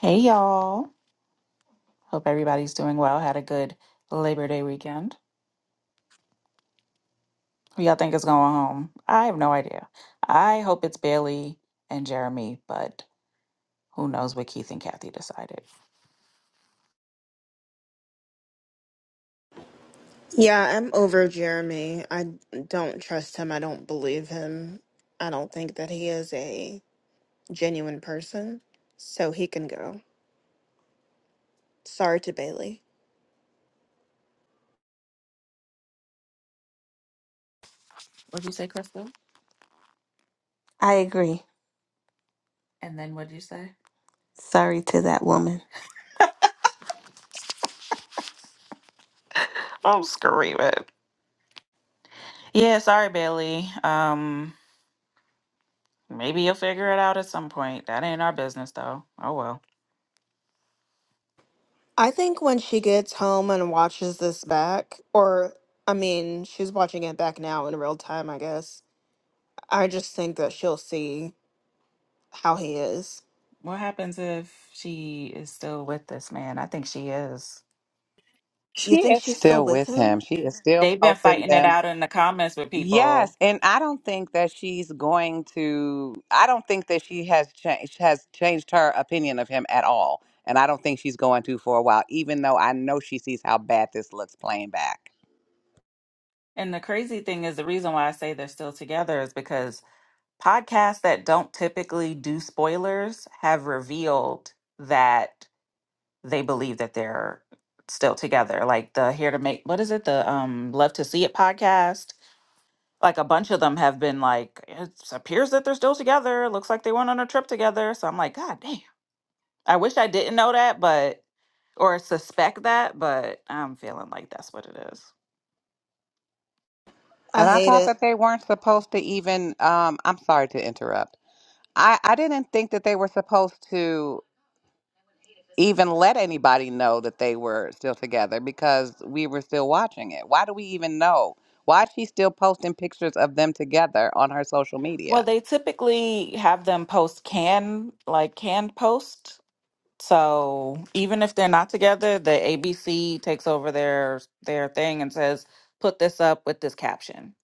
Hey y'all. Hope everybody's doing well. Had a good Labor Day weekend. Who y'all think is going home? I have no idea. I hope it's Bailey and Jeremy, but who knows what Keith and Kathy decided. Yeah, I'm over Jeremy. I don't trust him. I don't believe him. I don't think that he is a genuine person. So he can go. Sorry to Bailey. What'd you say, Crystal? I agree. And then what'd you say? Sorry to that woman. Oh, screw it. Yeah, sorry, Bailey. Um, maybe you'll figure it out at some point. That ain't our business, though. Oh well. I think when she gets home and watches this back, or I mean, she's watching it back now in real time, I guess. I just think that she'll see how he is. What happens if she is still with this man? I think she is. You She think is she's still still with with him. him? She is still They've been posting fighting it them. out in the comments with Yes, people. and I don't think that she's going to. I don't think that she has changed has changed her opinion of him at all, and I don't think she's going to for a while. Even though I know she sees how bad this looks playing back, And the crazy thing is, the reason why I say they're still together is because podcasts that don't typically do spoilers have revealed that they believe that they're still together. Like the Here to Make, what is it? The um Love to See It podcast. Like a bunch of them have been like, it appears that they're still together. Looks like they went on a trip together. So I'm like, God damn. I wish I didn't know that, but or suspect that, but I'm feeling like that's what it is. I and I hate thought it. that they weren't supposed to even. Um, I'm sorry to interrupt. I I didn't think that they were supposed to. even let anybody know that they were still together because we were still watching it. Why do we even know? Why is she still posting pictures of them together on her social Well, media? they typically have them post can, like canned post. So even if they're not together, the ABC takes over their their thing and says, "Put this up with this caption."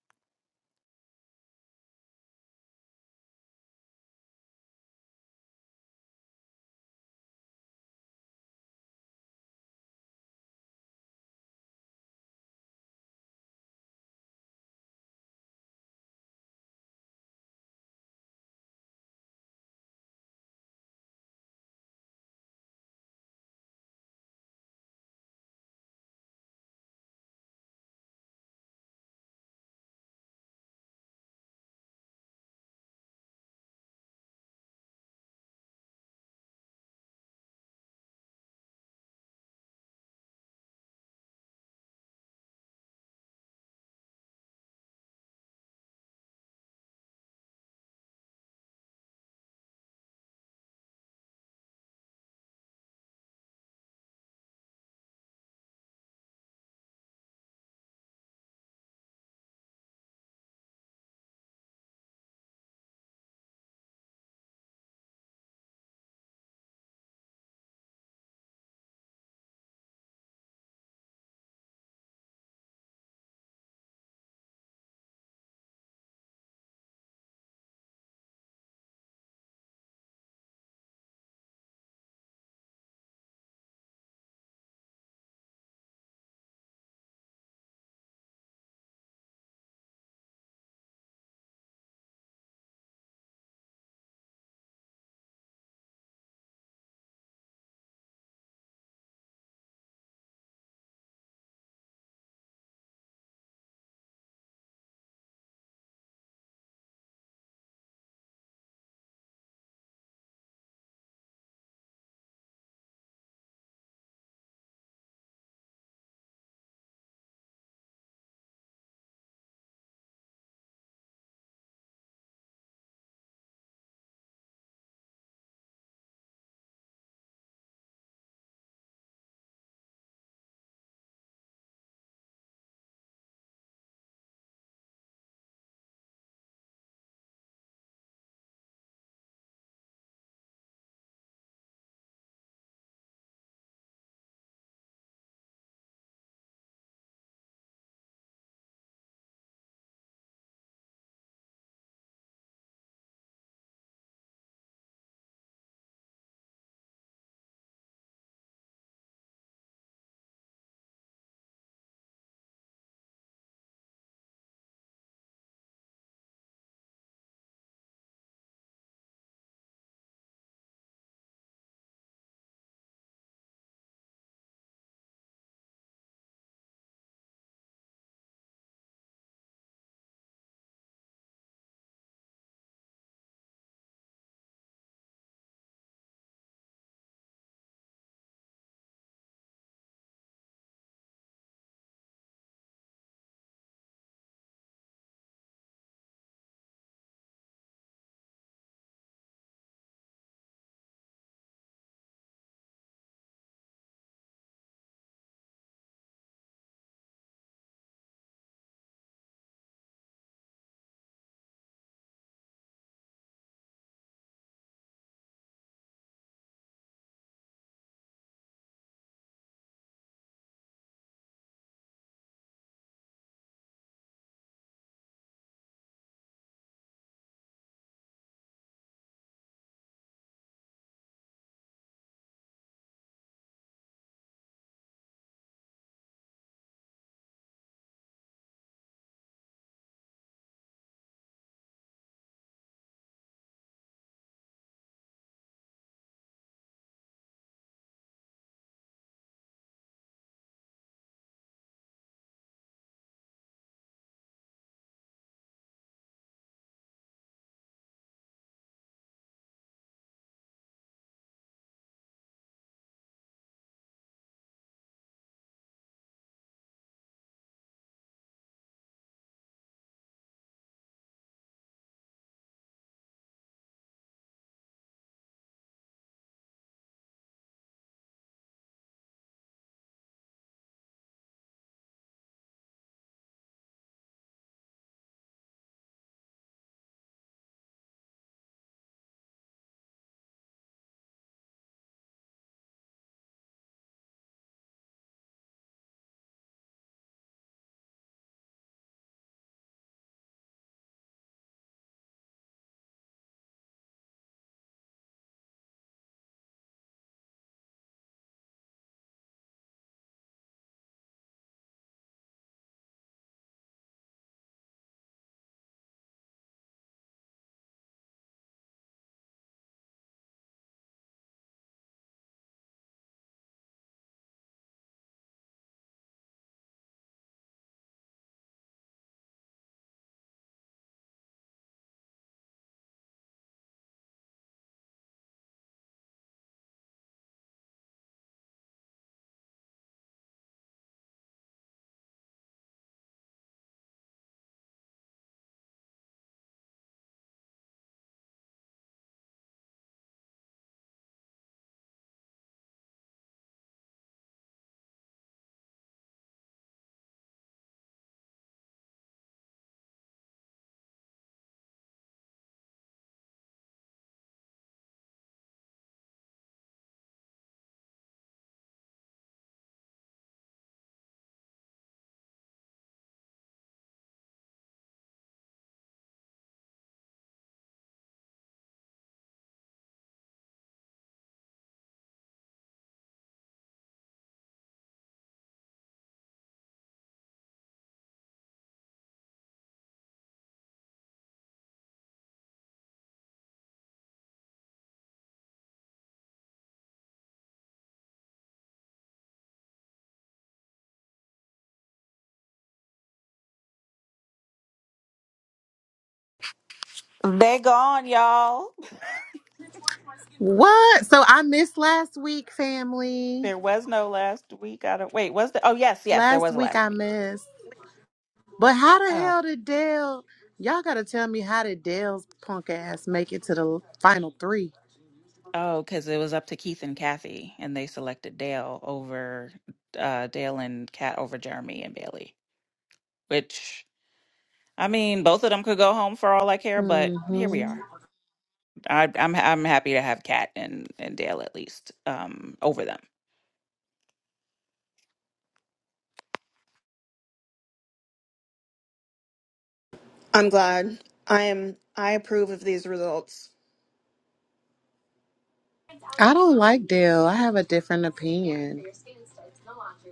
They gone, y'all. What? So I missed last week, family. There was no last week. I don't wait. Was there? Oh yes, yes, there Last was a week last I week. missed. But how the Oh, hell did Dale? Y'all gotta tell me how did Dale's punk ass make it to the final three? oh, because it was up to Keith and Kathy, and they selected Dale over uh, Dale and Kat over Jeremy and Bailey. Which I mean, both of them could go home for all I care, but here we Mm-hmm. are. I, I'm I'm happy to have Kat and, and Dale at least um over them. I'm glad. I am. I approve of these results. I don't like Dale. I have a different opinion.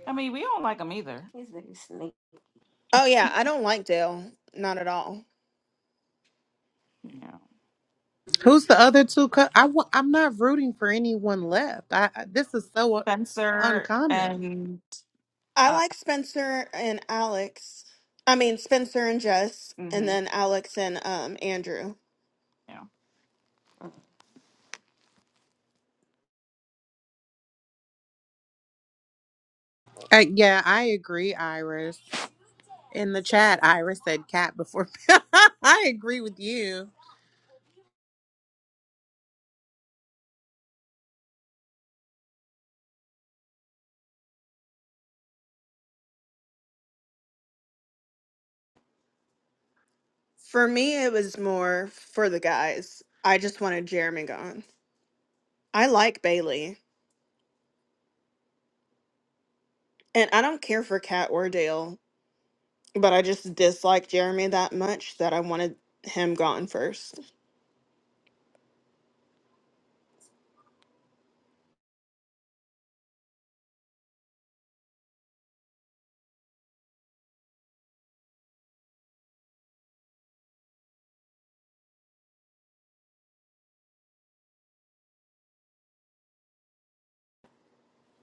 I mean, we don't like them either. These niggas sneak. Oh, yeah. I don't like Dale. Not at all. Yeah, Who's the other two? Co- I w- I'm not rooting for anyone left. I, I this is so uh, Spencer uncommon. and I uh, like Spencer and Alex. I mean, Spencer and Jess, and hmm then Alex and um Andrew. yeah. Uh, yeah, I agree, Iris. In the chat, Iris said cat before. I agree with you. For me, it was more for the guys. I just wanted Jeremy gone. I like Bailey, and I don't care for Kat or Dale, but I just dislike Jeremy that much that I wanted him gone first.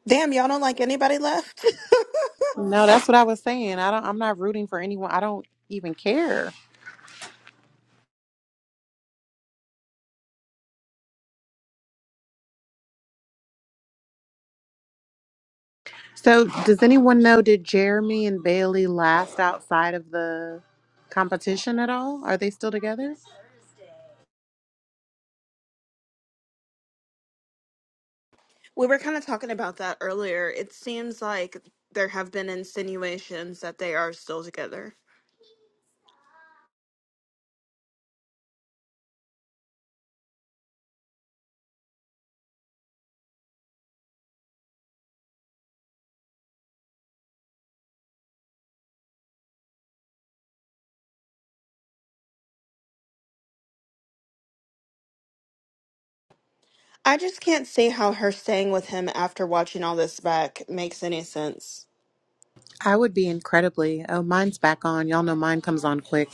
Damn, y'all don't like anybody left? No, that's what I was saying. I don't I'm not rooting for anyone. I don't even care. So, does anyone know did Jeremy and Bailey last outside of the competition at all? Are they still together? we were kind of talking about that earlier. It seems like there have been insinuations that they are still together. I just can't see how her staying with him after watching all this back makes any sense. I would be incredibly. Oh, mine's back on. Y'all know mine comes on quick.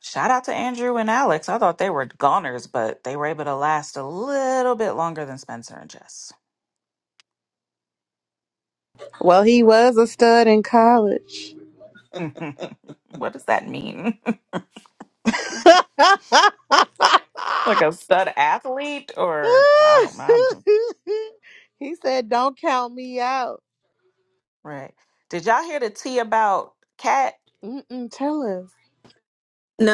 Shout out to Andrew and Alex. I thought they were goners, but they were able to last a little bit longer than Spencer and Jess. Well, he was a stud in college. Mhm. what does that mean? like a stud athlete, or I don't know. I'm confused. he said, "Don't count me out." right. Did y'all hear the tea about Kat? Mm-mm, tell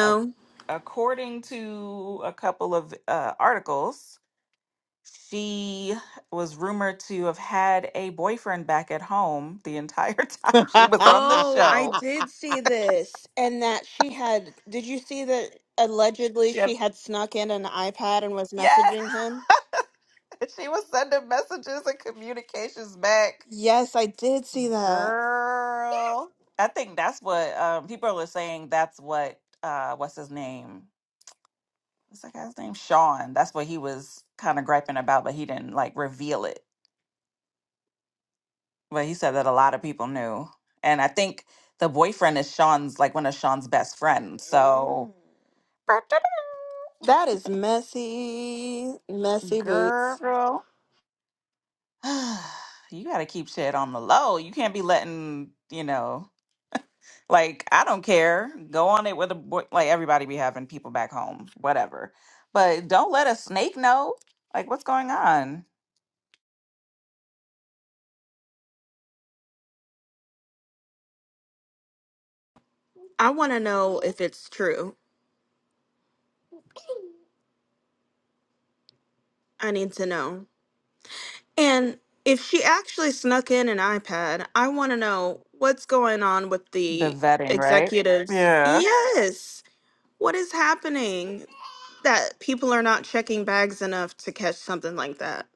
a- according to a couple of uh, articles, she was rumored to have had a boyfriend back at home the entire us. time she was on the Oh, I show. did see this. And that she had, did you see that allegedly She she had, had snuck in an iPad and was yes, messaging him? she was sending messages and communications back. Yes, I did see that. Girl, I think that's what um, people are saying. That's what uh, what's his name? What's that guy's name? Sean. That's what he was kind of griping about, but he didn't like reveal it. But he said that a lot of people knew. And I think the boyfriend is Sean's, like one of Sean's best friends. So, That is messy, messy boots. girl, you got to keep shit on the low. You can't be letting, you know, like, I don't care. Go on it with a boy. Like, everybody be having people back home, whatever. But don't let a snake know. Like, what's going on? I want to know if it's true. I need to know. And if she actually snuck in an iPad, I want to know what's going on with The the vetting, right? executives. Yeah. Yes. What is happening that people are not checking bags enough to catch something like that?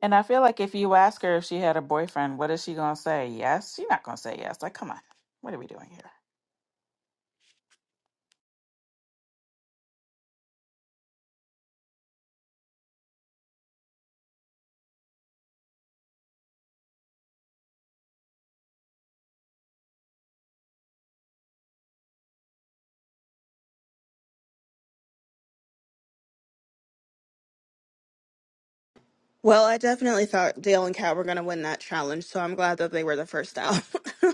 And I feel like if you ask her if she had a boyfriend, what is she gonna say? Yes, she's not gonna say yes. Like, come on, what are we doing here? Well, I definitely thought Dale and Kat were going to win that challenge, so I'm glad that they were the first out.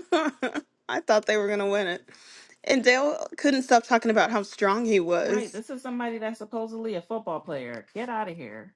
I thought they were going to win it. And Dale couldn't stop talking about how strong he Right, was. this is somebody that's supposedly a football player. Get out of here.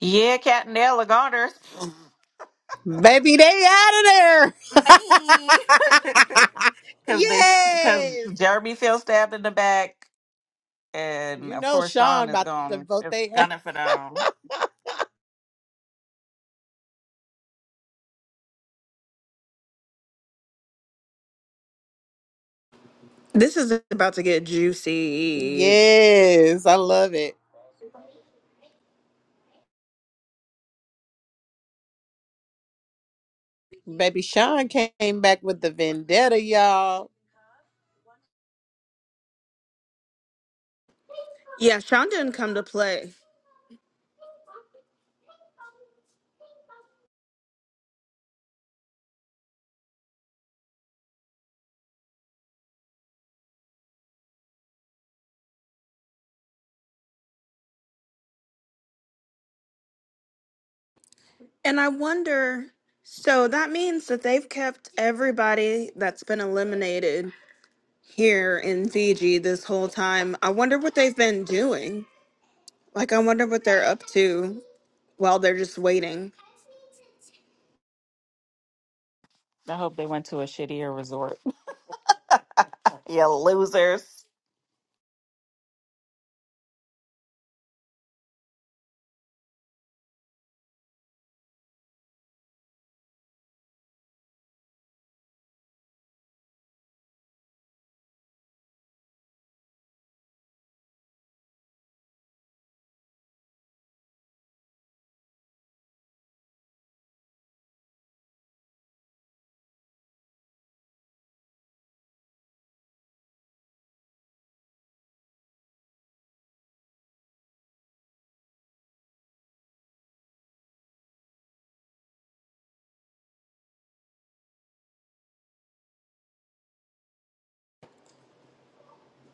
Yeah, Cat and Dale Lagarters. Baby, they out of there. Me, because they because yes. Jeremy feels stabbed in the back, and You of know course Sean Sean is about to going vote is they out. gunning for them. This is about to get juicy. Yes, I love it. Baby Sean came back with the vendetta, y'all. Yeah, Sean didn't come to play. And I wonder, so that means that they've kept everybody that's been eliminated here in Fiji this whole time. I wonder what they've been doing. Like, I wonder what they're up to while they're just waiting. I hope they went to a shittier resort. yeah, losers.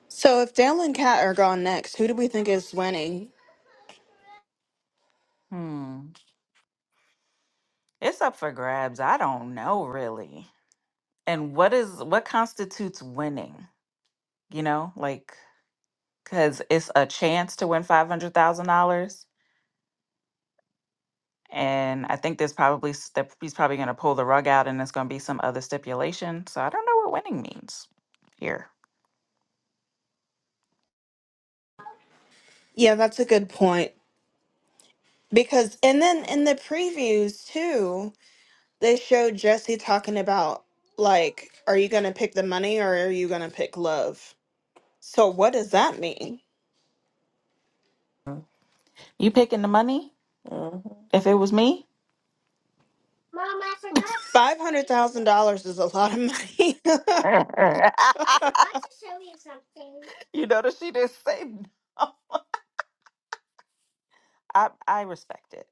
So, if Dale and Kat are gone next, who do we think is winning? Hmm, it's up for grabs. I don't know really. and what is what constitutes winning you know like because it's a chance to win $500000 and i think there's probably s- that he's probably going to pull the rug out and there's going to be some other stipulation so i don't know what winning means here Yeah, that's a good point. Because, and then in the previews too, they showed Jesse talking about, like, are you going to pick the money or are you going to pick love? So, what does that mean? you picking the money Mhm. if it was me Mom, I forgot. Five hundred thousand dollars is a lot of money. you notice she didn't say i i respect it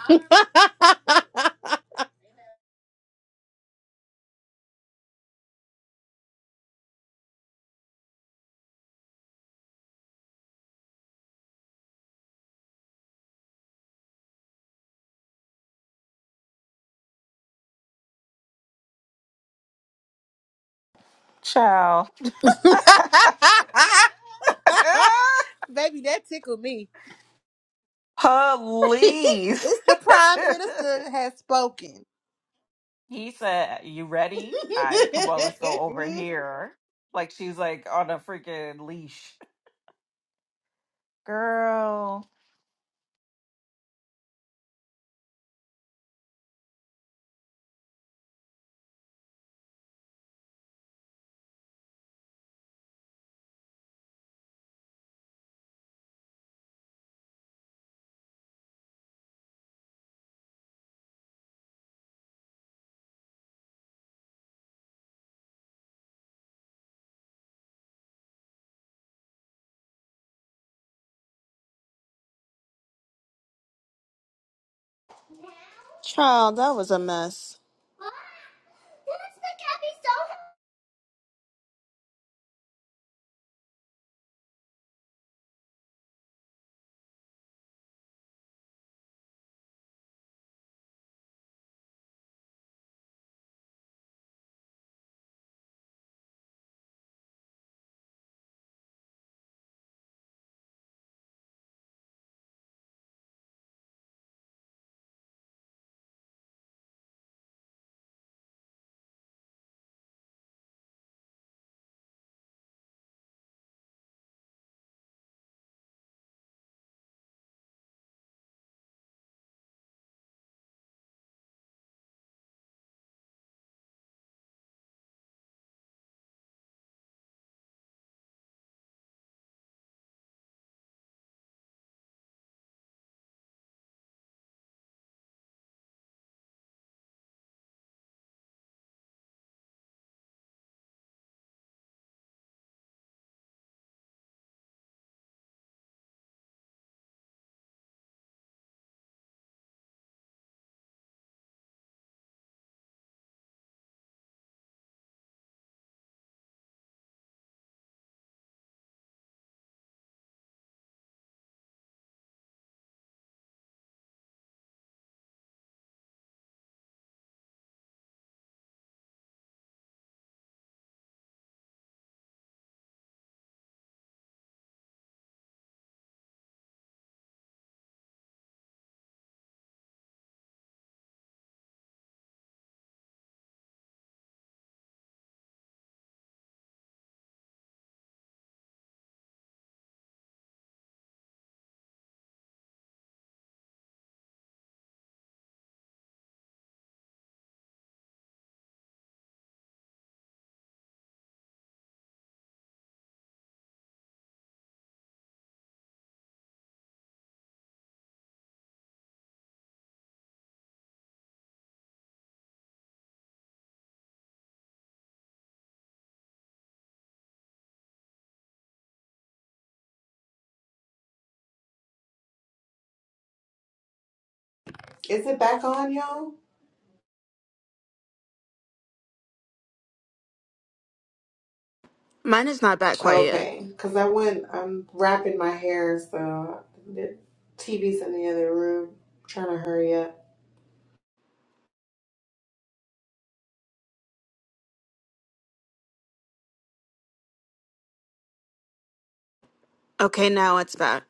Baby, ciao that tickled me. police it's the prime minister has spoken. He said, You ready? Is I come on, let's go over here. Like she's like on a freaking leash. Girl, Child, that was a mess. it back on, y'all? Mine is not back quite yet. Okay, because I went, I'm wrapping my hair, so the TV's in the other room, trying to hurry up. Okay, now it's back.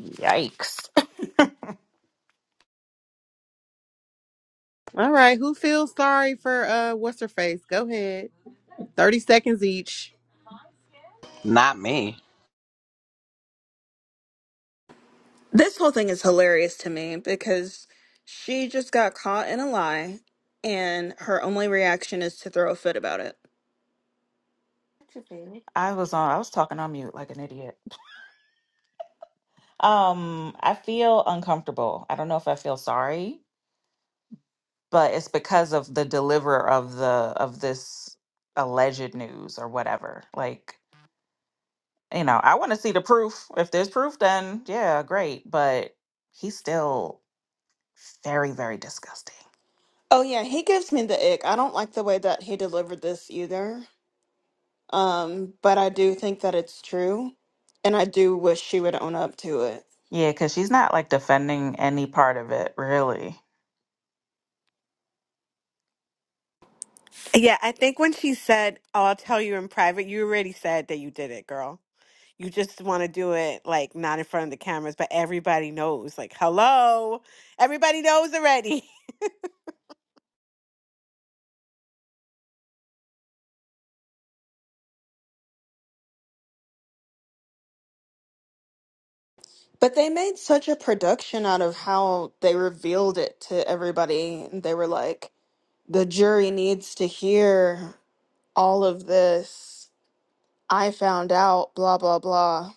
yikes. All right, who feels sorry for uh what's her face? Go ahead. 30 seconds each. Not me. This whole thing is hilarious to me because she just got caught in a lie and her only reaction is to throw a fit about it. What you feel? I was on I was talking on mute like an idiot. Um, I feel uncomfortable. I don't know if I feel sorry, but it's because of the deliverer of the of this alleged news or whatever. Like, you know, I want to see the proof. If there's proof, then yeah, great. But he's still very, very disgusting. Oh yeah, he gives me the ick. I don't like the way that he delivered this either. Um, but I do think that it's true. And I do wish she would own up to it. Yeah, because she's not like defending any part of it, really. Yeah, I think when she said, "Oh, I'll tell you in private," you already said that you did it, girl. You just want to do it like not in front of the cameras, but everybody knows. Like, hello, everybody knows already. But they made such a production out of how they revealed it to everybody. And they were like, the jury needs to hear all of this. I found out, blah, blah, blah.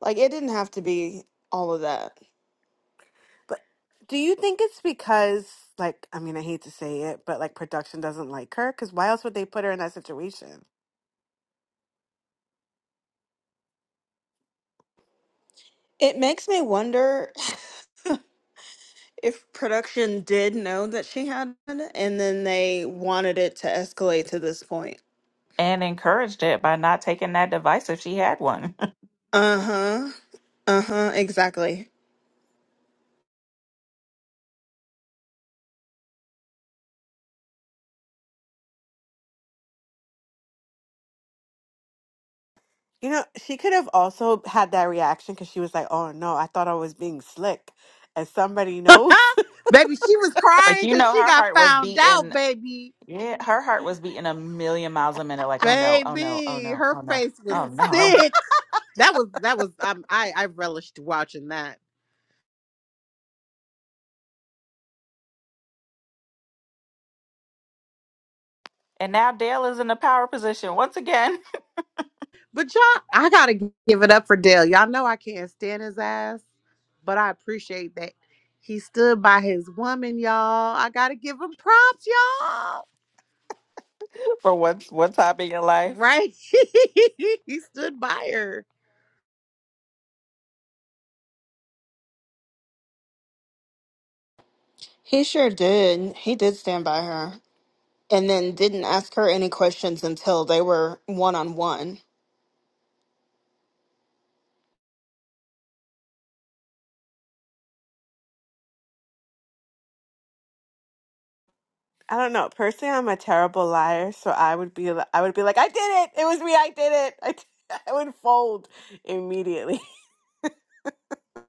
Like, it didn't have to be all of that. But do you think it's because, like, I mean, I hate to say it, but like production doesn't like her? Because why else would they put her in that situation? It makes me wonder if production did know that she had it and then they wanted it to escalate to this point. And encouraged it by not taking that device if she had one. Uh huh. Uh huh. Exactly. You know, she could have also had that reaction because she was like, "Oh no, I thought I was being slick," and somebody knows. baby, she was like, crying you cuz know, she her got heart was found out, beating. baby. Yeah, her heart was beating a million miles a minute. Like, oh no, oh no, oh Baby, no, her oh no, face was oh no. sick. That was that was um, I I relished watching that. And now Dale is in the power position once again But y'all, I gotta give it up for Dale. Y'all know I can't stand his ass, but I appreciate that he stood by his woman, y'all. I gotta give him props, y'all. for what's one time in your life. Right? he stood by her. He sure did. He did stand by her. and then didn't ask her any questions until they were one on one. I don't know. Personally, I'm a terrible liar, so I would be li- I would be like, I did it. It was me. I did it. I, did-" it." I would fold immediately.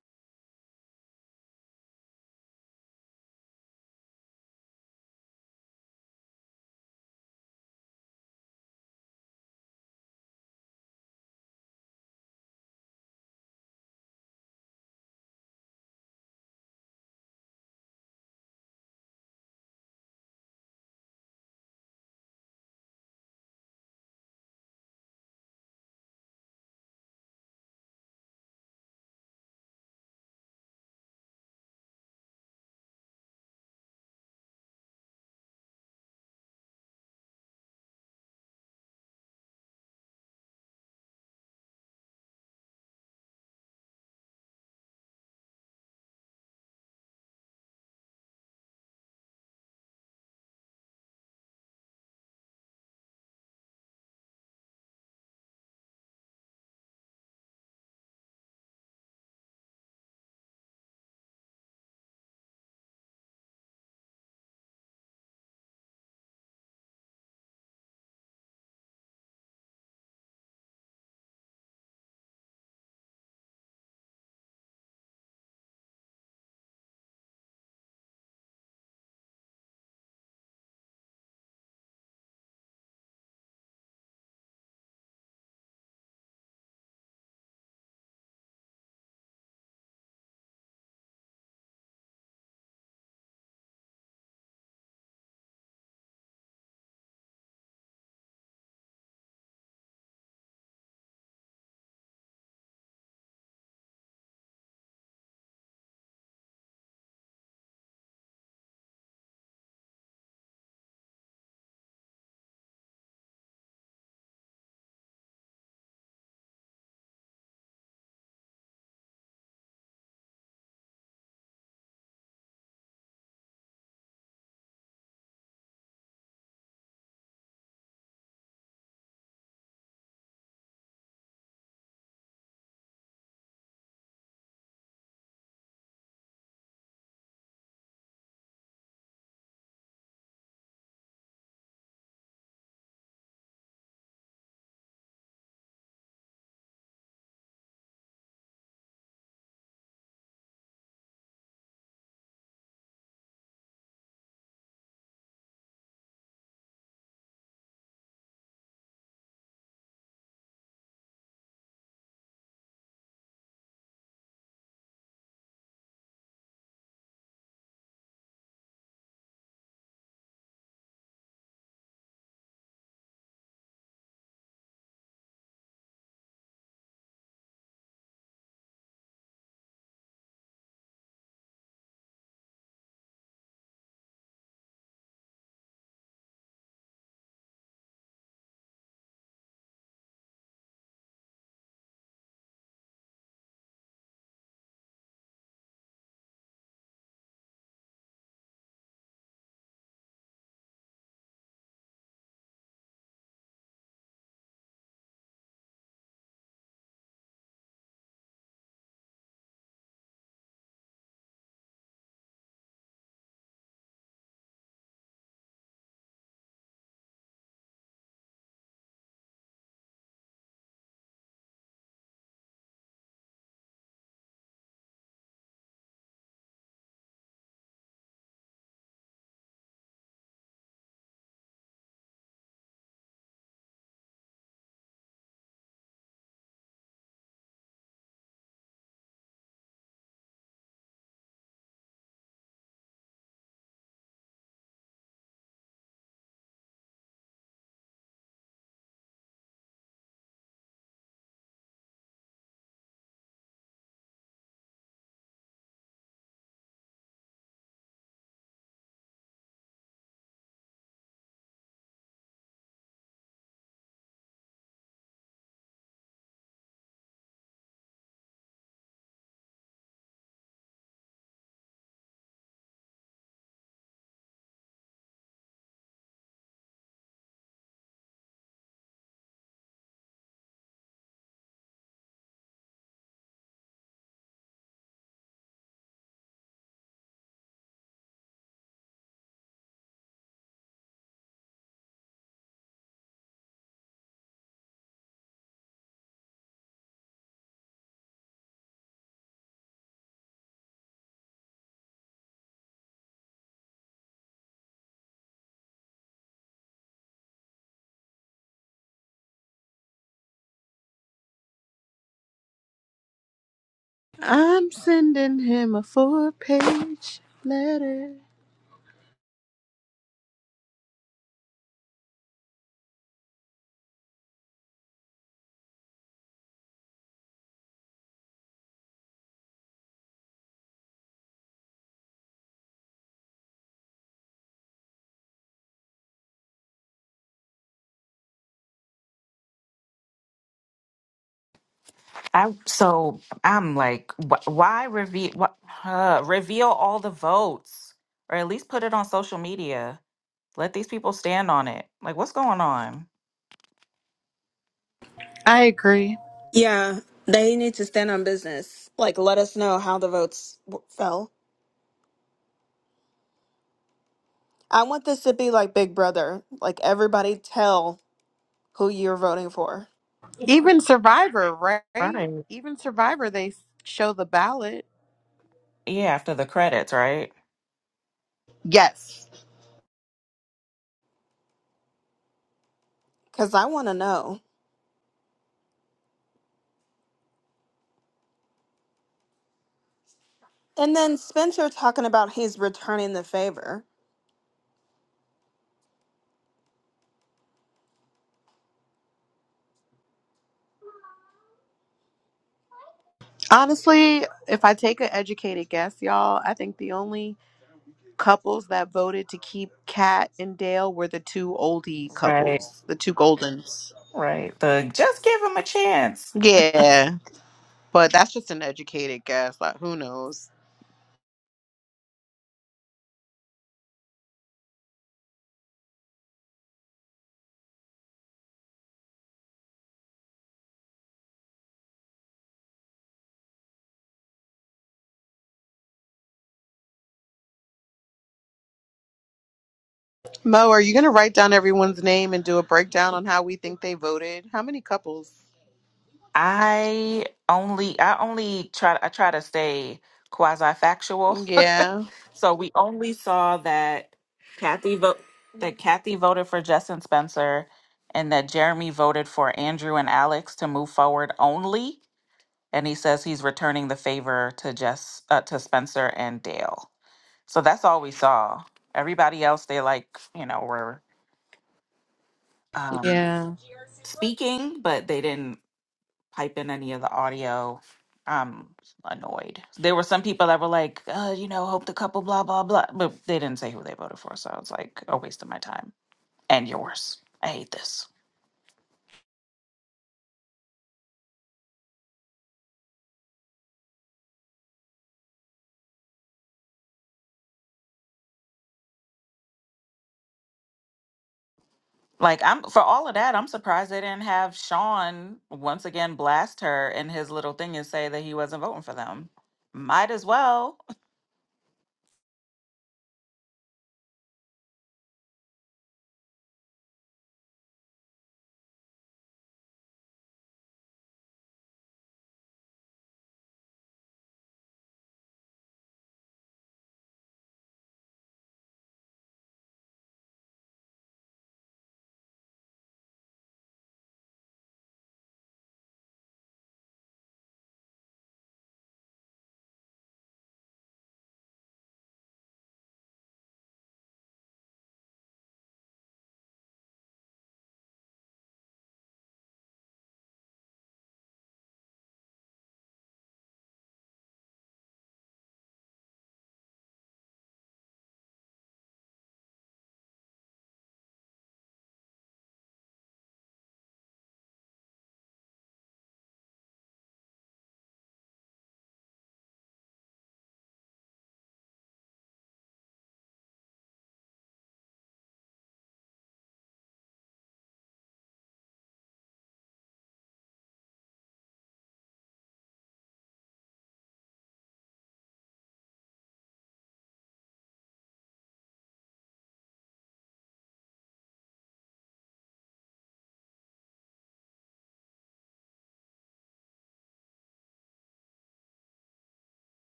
I'm sending him a four page letter. I so I'm like, wh- why reveal what uh, reveal all the votes, or at least put it on social media. Let these people stand on it. Like, what's going on? I agree. Yeah, they need to stand on business. Like, let us know how the votes w- fell. I want this to be like Big Brother. Like, everybody tell who you're voting for Even Survivor, right? Right. Even Survivor, they show the ballot. Yeah, after the credits, right? Yes. because I want to know. And then Spencer talking about he's returning the favor. Honestly, if I take an educated guess, y'all, I think the only couples that voted to keep Kat and Dale were the two oldie Right. couples, the two Goldens. Right. The just give him a chance. Yeah, but that's just an educated guess. Like, who knows? Mo, are you going to write down everyone's name and do a breakdown on how we think they voted? How many couples? I only I only try I try to stay quasi factual. Yeah. so we only saw that Kathy vote that Kathy voted for Justin Spencer and that Jeremy voted for Andrew and Alex to move forward only. and he says he's returning the favor to Jess uh, to Spencer and Dale. So that's all we saw. Everybody else, they like you know were um, Yeah. speaking, but they didn't pipe in any of the audio. I'm annoyed. There were some people that were like, uh, you know, hope the couple, blah blah blah, but they didn't say who they voted for. So I was like a waste of my time and yours. I hate this. Like I'm for all of that, I'm surprised they didn't have Sean once again blast her in his little thing and say that he wasn't voting for them. Might as well.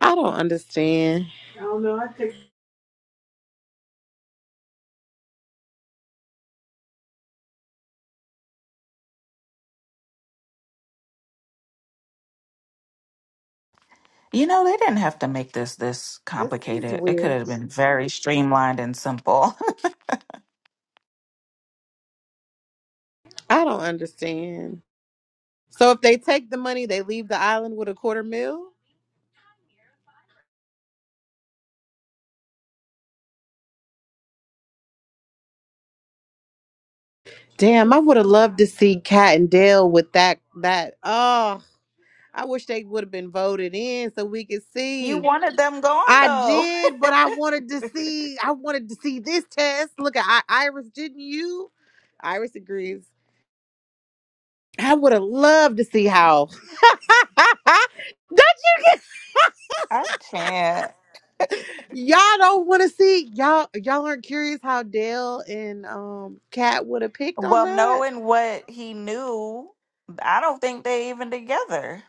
I don't understand. You know, they didn't have to make this this This is complicated. It could weird. have been very streamlined and simple. I don't understand. So if they take the money, they leave the island with a quarter mil? Damn, I would have loved to see Kat and Dale with that that oh I wish they would have been voted in so we could you see. wanted them gone I though. did, but I wanted to see. I wanted to see this test. Look at I- Iris, didn't you? Iris agrees. I would have loved to see how. Don't you get I can't. y'all don't want to see y'all y'all aren't curious how Dale and um Kat would have picked on Well, that? knowing what he knew, I don't think they even together.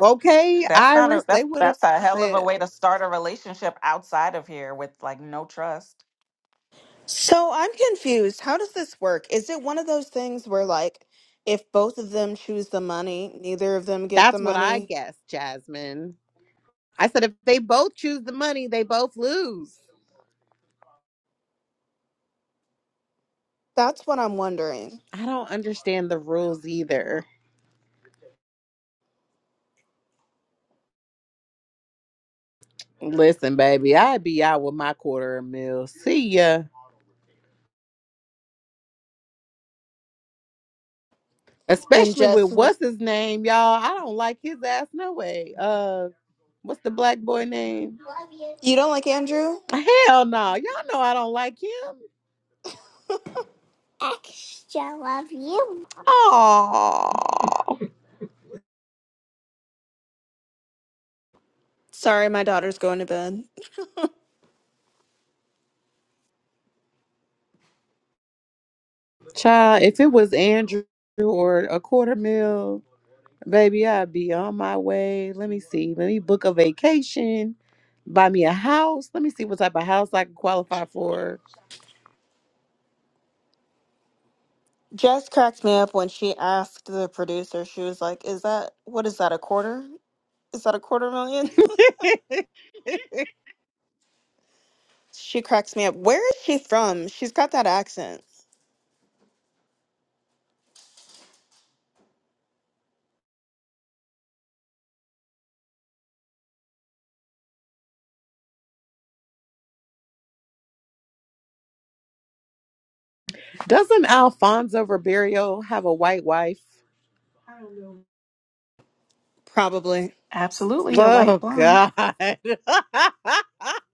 Okay, That's not a Iris, that's they would have that's a hell of a failed. way to start a relationship outside of here with like no trust. So I'm confused. How does this work? Is it one of those things where, like, if both of them choose the money, neither of them get the That's what I money? guessed, Jasmine. I said if they both choose the money, they both lose. That's what I'm wondering. I don't understand the rules either. Listen, baby, I'd be out with my quarter of a mil. See ya. And Especially with Jess was. what's his name, y'all. I don't like his ass no way. Uh what's the black boy name? You don't like Andrew? Hell no. Y'all know I don't like him. Oh Sorry, my daughter's going to bed. child, if it was Andrew or a quarter mil, Baby, I'd be on my way. Let me see. Let me book a vacation. Buy me a house. Let me see what type of house I can qualify for. Jess cracked me up when she asked the producer, she was like, Is that, what is that, a quarter? Is that a quarter million?" She cracks me up. Where is she from? She's got that accent. Doesn't Alfonso Ribeiro have a white wife? Probably. Absolutely a white Oh blonde. God.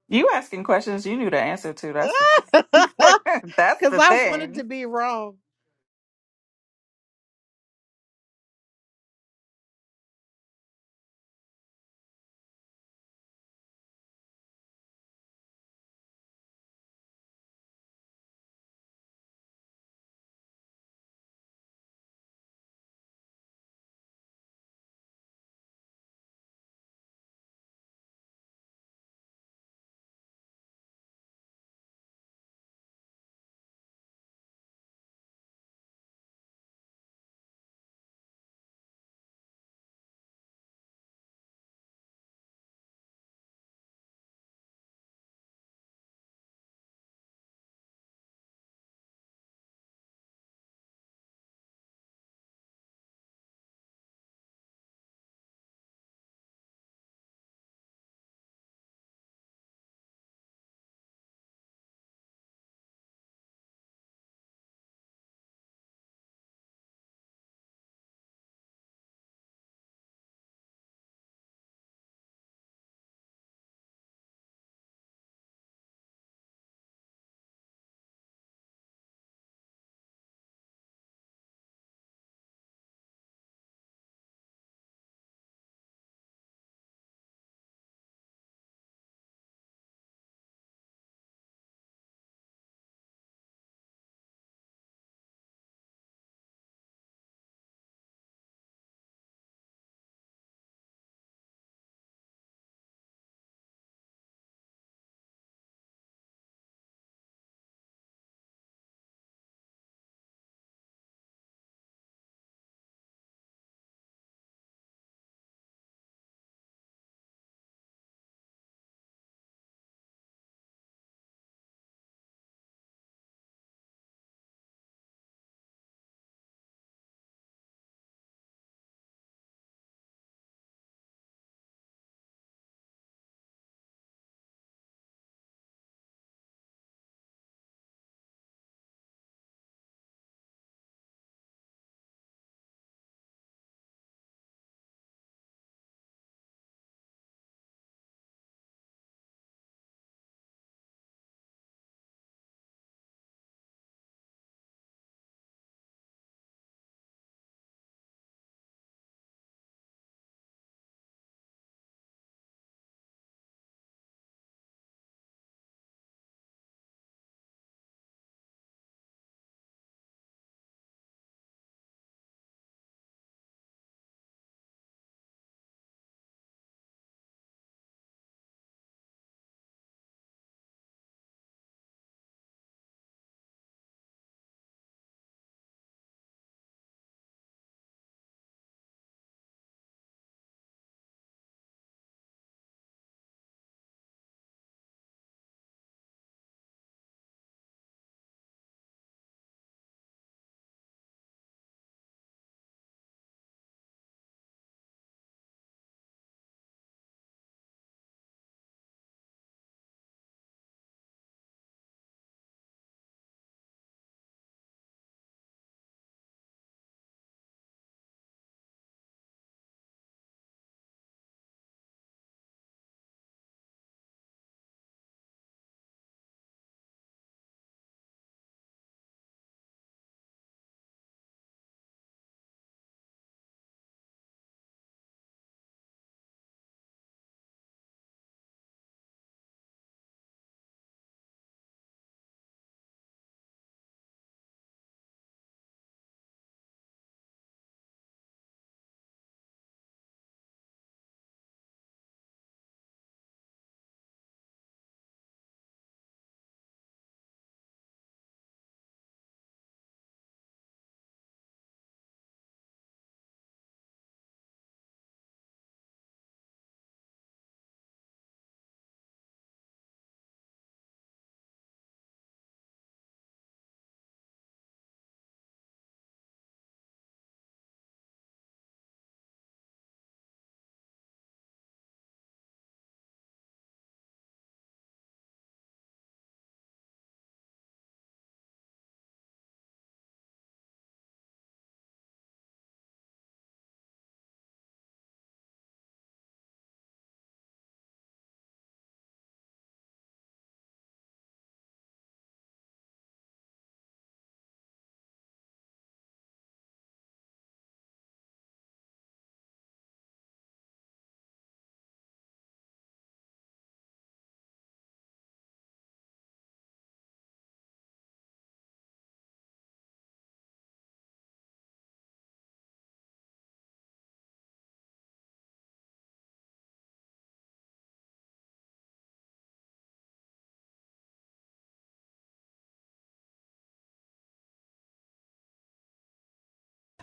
You asking questions you knew the answer to. That's the thing. That's Cause the I wanted thing. to be wrong.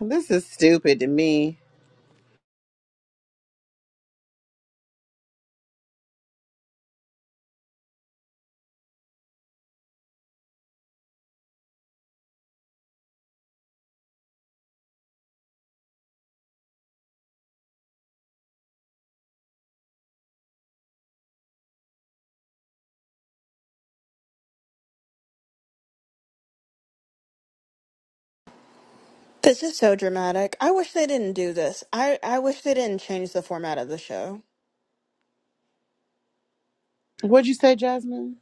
This is stupid to me. This is so dramatic. I wish they didn't do this. I, I wish they didn't change the format of the show. What'd you say, Jasmine?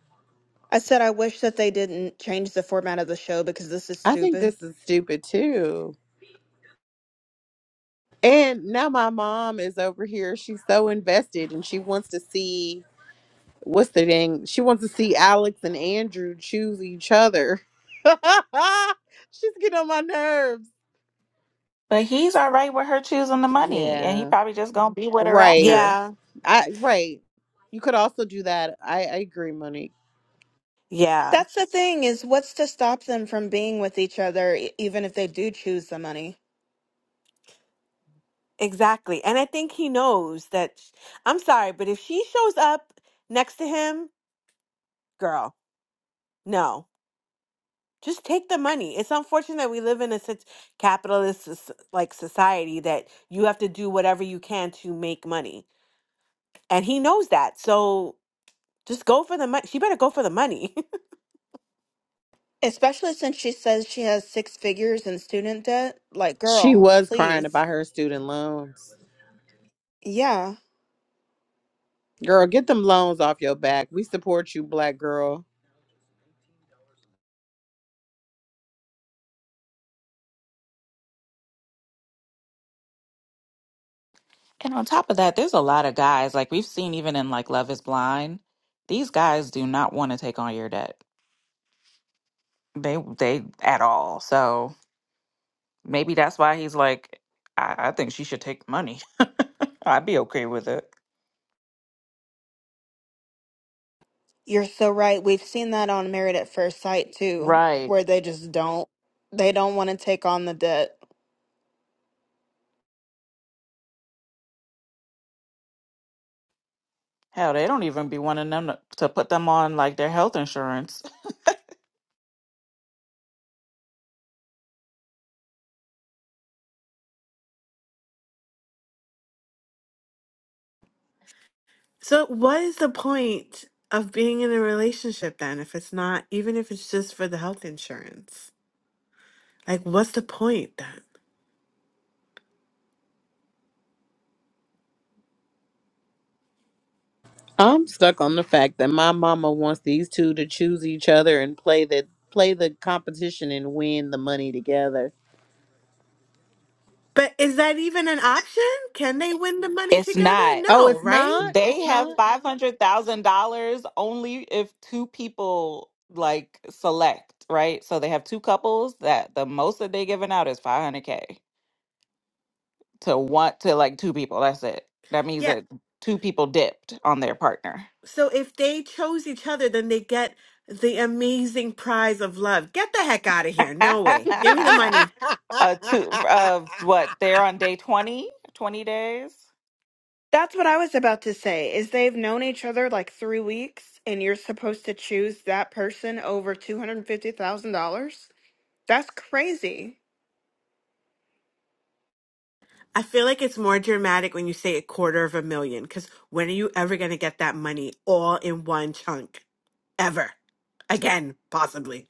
I said I wish that they didn't change the format of the show because this is I think stupid. this is stupid too. And now my mom is over here. She's so invested and she wants to see what's the thing? She wants to see Alex and Andrew choose each other. She's getting on my nerves. But he's all right with her choosing the money, and he Yeah. probably just gonna be with her Right. after. Yeah. I right. You could also do that. I, I agree, Monique. Yeah. That's the thing is what's to stop them from being with each other e- even if they do choose the money? Exactly. And I think he knows that sh- I'm sorry, but if she shows up next to him, girl, no. Just take the money. It's unfortunate that we live in a such capitalist soc- like society that you have to do whatever you can to make money. And he knows that. So just go for the money. She better go for the money. Especially since she says she has six figures in student debt. Like, She girl, was crying please. about her student loans. Yeah, Girl, get them loans off your back. We support you, black girl. And on top of that, there's a lot of guys like we've seen even in like Love Is Blind. These guys do not want to take on your debt. They they at all. So maybe that's why he's like, I, I think she should take money. I'd be okay with it. you're so right. We've seen that on Married at First Sight too, Right. where they just don't they don't want to take on the debt. Hell, they don't even be wanting them to, to put them on like their health insurance. so what is the point of being in a relationship then if it's not even if it's just for the health insurance? Like what's the point then? I'm stuck on the fact that my mama wants these two to choose each other and play the play the competition and win the money together. But is that even an option? Can they win the money It's together? not. Oh, No, it's right? not. It's They have not. five hundred thousand dollars only if two people like select, right? So they have two couples that the most that they giving out is five hundred K to want to like two people. That's it. That means Yeah. that two people dipped on their partner. So if they chose each other, then they get the amazing prize of love. Get the heck out of here. No way. Give me the money. uh two of what they're on day 20, 20 days That's what I was about to say, is they've known each other like three weeks and you're supposed to choose that person over two hundred and fifty thousand dollars? That's crazy. I feel like it's more dramatic when you say a quarter of a million, because when are you ever going to get that money all in one chunk? Ever. Again, possibly.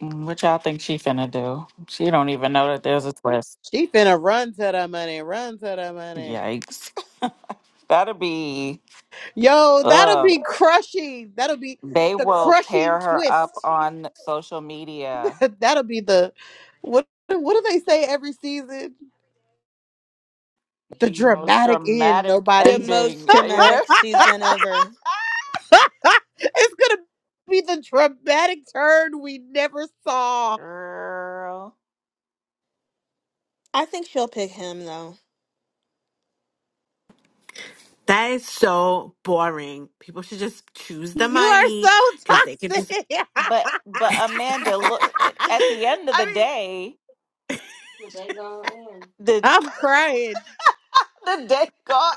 Mm, what y'all think she finna do she don't even know that there's a twist she finna run to the money. Run to the money. yikes that'd be Yo, that'll Ugh. be crushing. That'll be They the will crushing tear her up twist. on social media. that'll be the what? What do they say every season? The The most dramatic end. dramatic The Nobody. most ending. Yeah. dramatic season ever. it's gonna be the dramatic turn we never saw. Girl. I think she'll pick him though. That is so boring. People should just choose the You are so money because they can just. toxic. But but I Amanda, look eh, at the end of the day. The day gone in. The I'm crying. the day gone.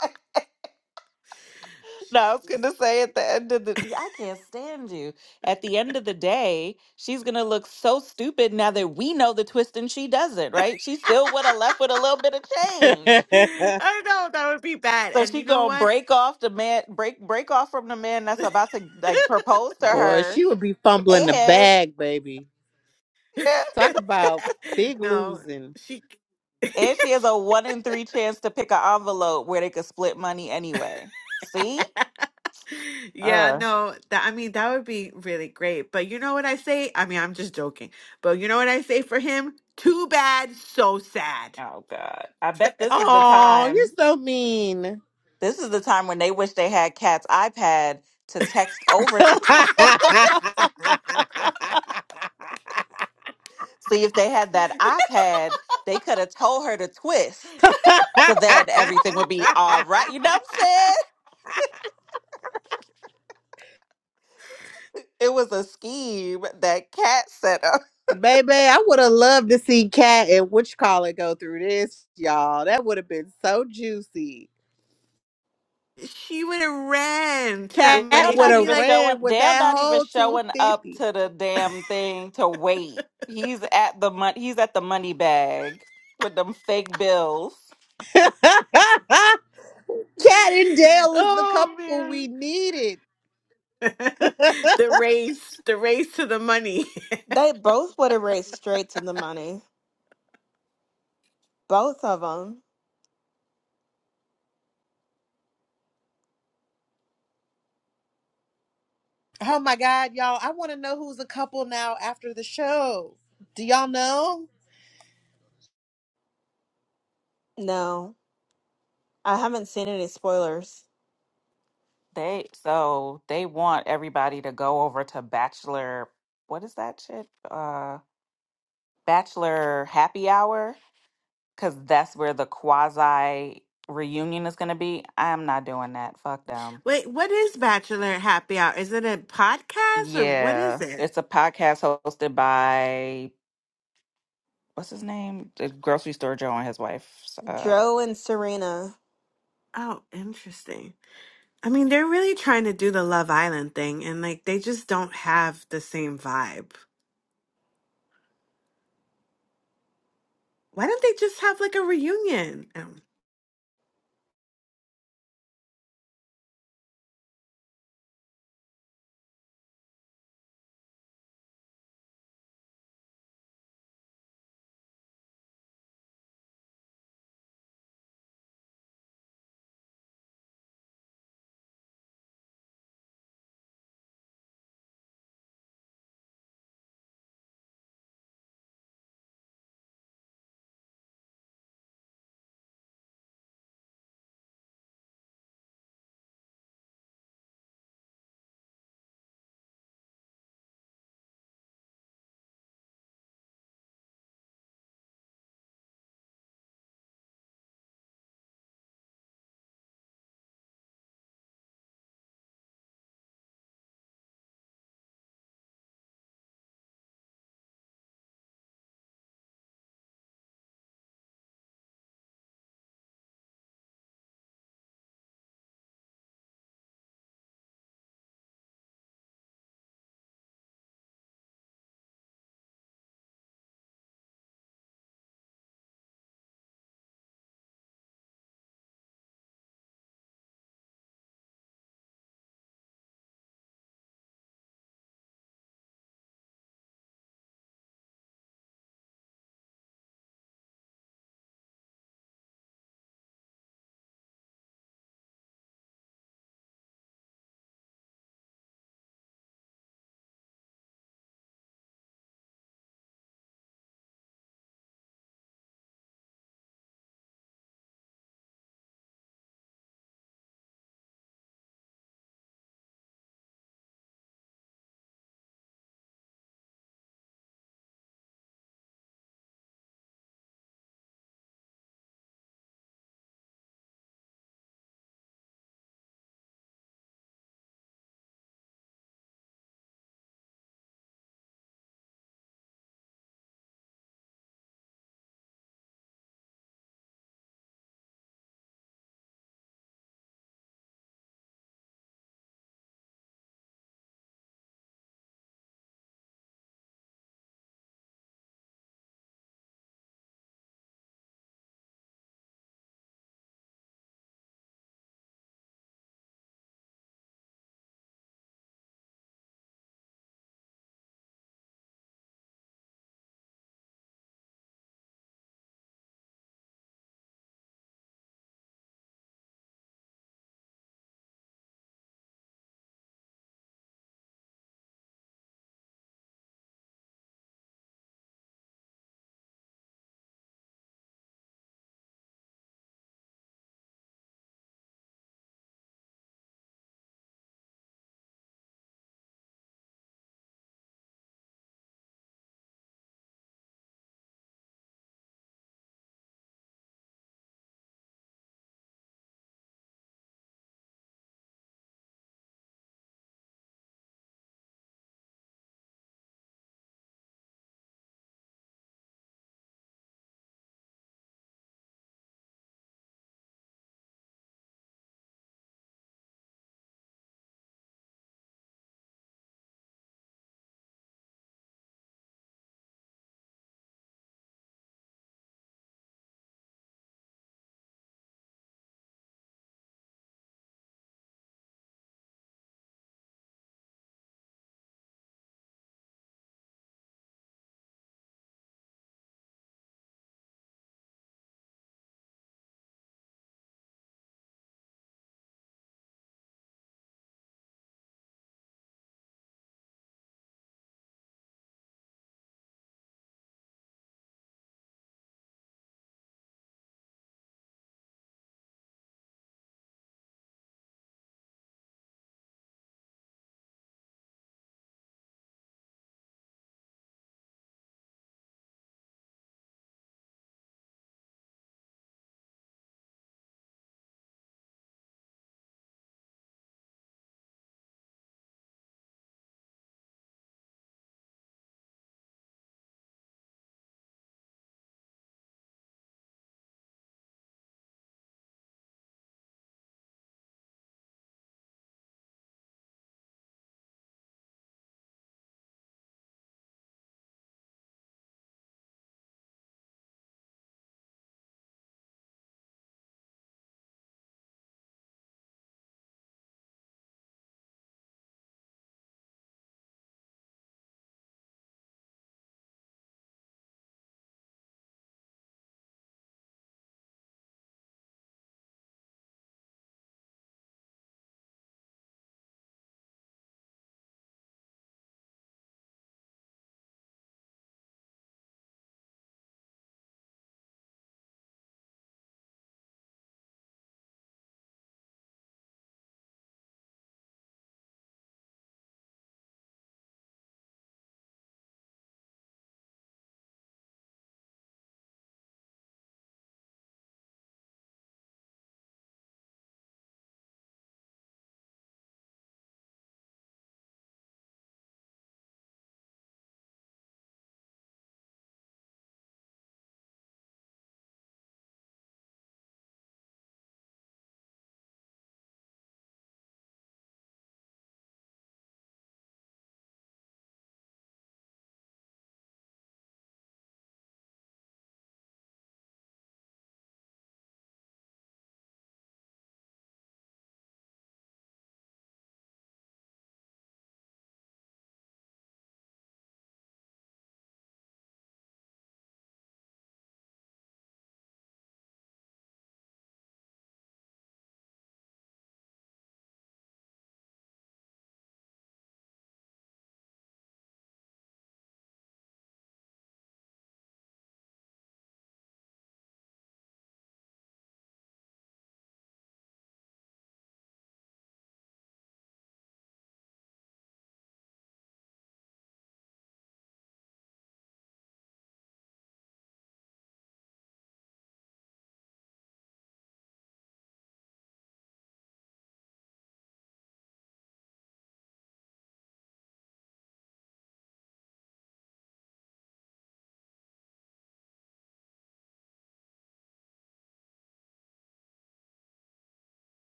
No, I was Just gonna say at the end of the yeah, I can't stand you. At the end of the day, she's gonna look so stupid now that we know the twist and she doesn't, right? She still would have left with a little bit of change. I don't know that would be bad. So And she you know gonna what? break off the man, break break off from the man that's about to like propose to Boy, her, she would be fumbling the and bag, baby. yeah, Talk about big No, losing. she and she has a one in three chance to pick an envelope where they could split money anyway. See? Yeah, Uh. no, that I mean that would be really great. But you know what I say? I mean, I'm just joking. But you know what I say for him? Too bad, so sad. Oh God. I bet this is the Oh, you're time. so mean. This is the time when they wish they had Kat's iPad to text over to. See if they had that iPad, they could have told her to twist. So then everything would be all right. You know what I'm saying? It was a scheme that Cat set up. Baby, I would have loved to see Cat and Witch Collar go through this, y'all. That would have been so juicy. She would have ran to that Cat They're money. would not She'd be have even like, showing. ran with They're that not even whole showing up 250. to the damn thing to wait. He's at the money. He's at the money bag with them fake bills. Cat and Dale is the "Oh couple man." we needed. oh The race, the race to the money. They both would have raced straight to the money. Both of them. my God, y'all. I want to know who's a couple now after the show. Do y'all know? No, I haven't seen any spoilers. They so they want everybody to go over to bachelor. What is that shit? Uh, bachelor happy hour because that's where the quasi reunion is going to be. I'm not doing that. Fuck them. Wait, what is Bachelor Happy Hour? Is it a podcast or what is Yeah, it? it's a podcast hosted by what's his name? The grocery store Joe and his wife. Uh, Joe and Serena. Oh, interesting. I mean, they're really trying to do the Love Island thing and like they just don't have the same vibe. Why don't they just have like a reunion? Um,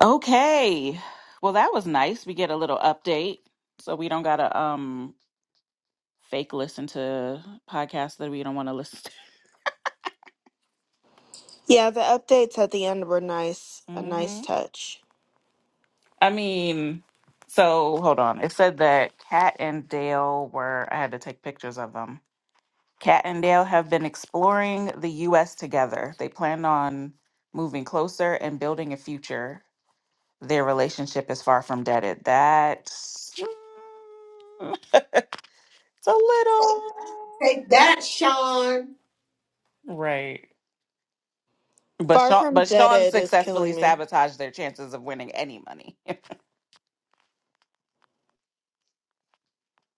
okay, well that was nice. We get a little update, so we don't gotta um fake listen to podcasts that we don't want to listen. to. Yeah, the updates at the end were nice. A nice hmm touch. I mean, so hold on. It said that Kat and Dale were. I had to take pictures of them. Kat and Dale have been exploring the U.S. together. They plan on moving closer and building a future their relationship is far from deaded. That's mm, it's a little Take that, Sean. right. But Far Sean, from but Sean Deaded is successfully killing me. sabotaged their chances of winning any money.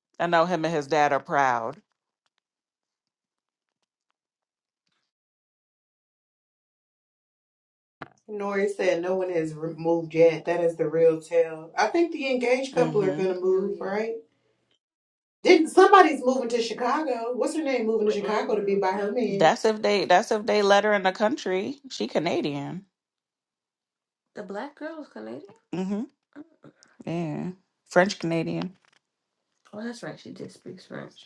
I know him and his dad are proud. Nori said no one has re- moved yet. That is the real tale. I think the engaged couple are going hmm to New move, Year right? Didn't somebody's moving to Chicago? What's her name moving to with Chicago to be Andrew. by her man? That's if they. That's if they let her in the country. She Canadian. The black girl is Canadian. hmm Oh, Yeah, French Canadian. Oh, that's right. She did speak French.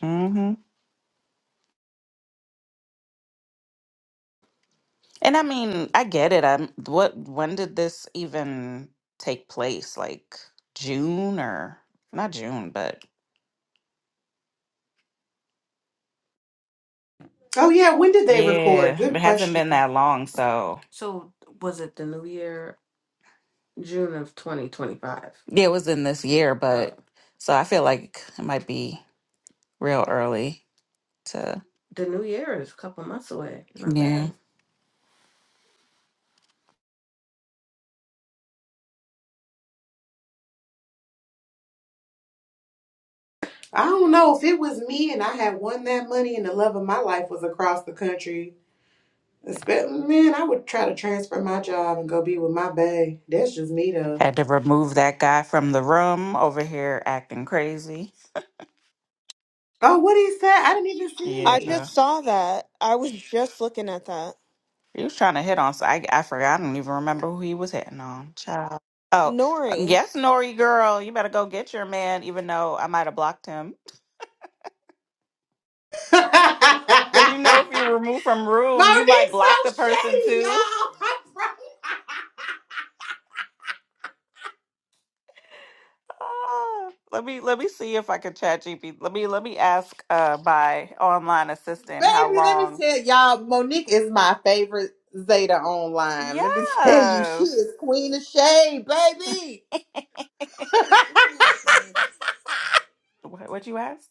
And I mean, I get it. I'm what when did this even take place? Like June or not June, but Oh yeah, when did they record? yeah, it Good hasn't been question. that long, so So was it the new year, June of 2025? yeah, it was in this year, Uh, but so I feel like it might be real early to the new year is a couple months away. My yeah. bad. I don't know if it was me and I had won that money and the love of my life was across the country. Espe- Man, I would try to transfer my job and go be with my bae. That's just me though. Had to remove that guy from the room over here acting crazy. Oh, what he said? I didn't even I see. Yeah. just saw that. I was just looking at that. You was trying to hit on, so I, I forgot. I don't even remember who he was hitting on. Child. Oh, Nori yes, Nori girl, you better go get your man, even though I might have blocked him. Because you know, if you remove from room, you might Monique's block so the person shady, too. y'all. Ah, let me let me see if I can chat GP. Let me let me ask uh my online assistant how Baby, let me long. tell y'all, Monique is my favorite Zeta online. Let me tell you, she Yes. is queen of shade, baby. what what you ask?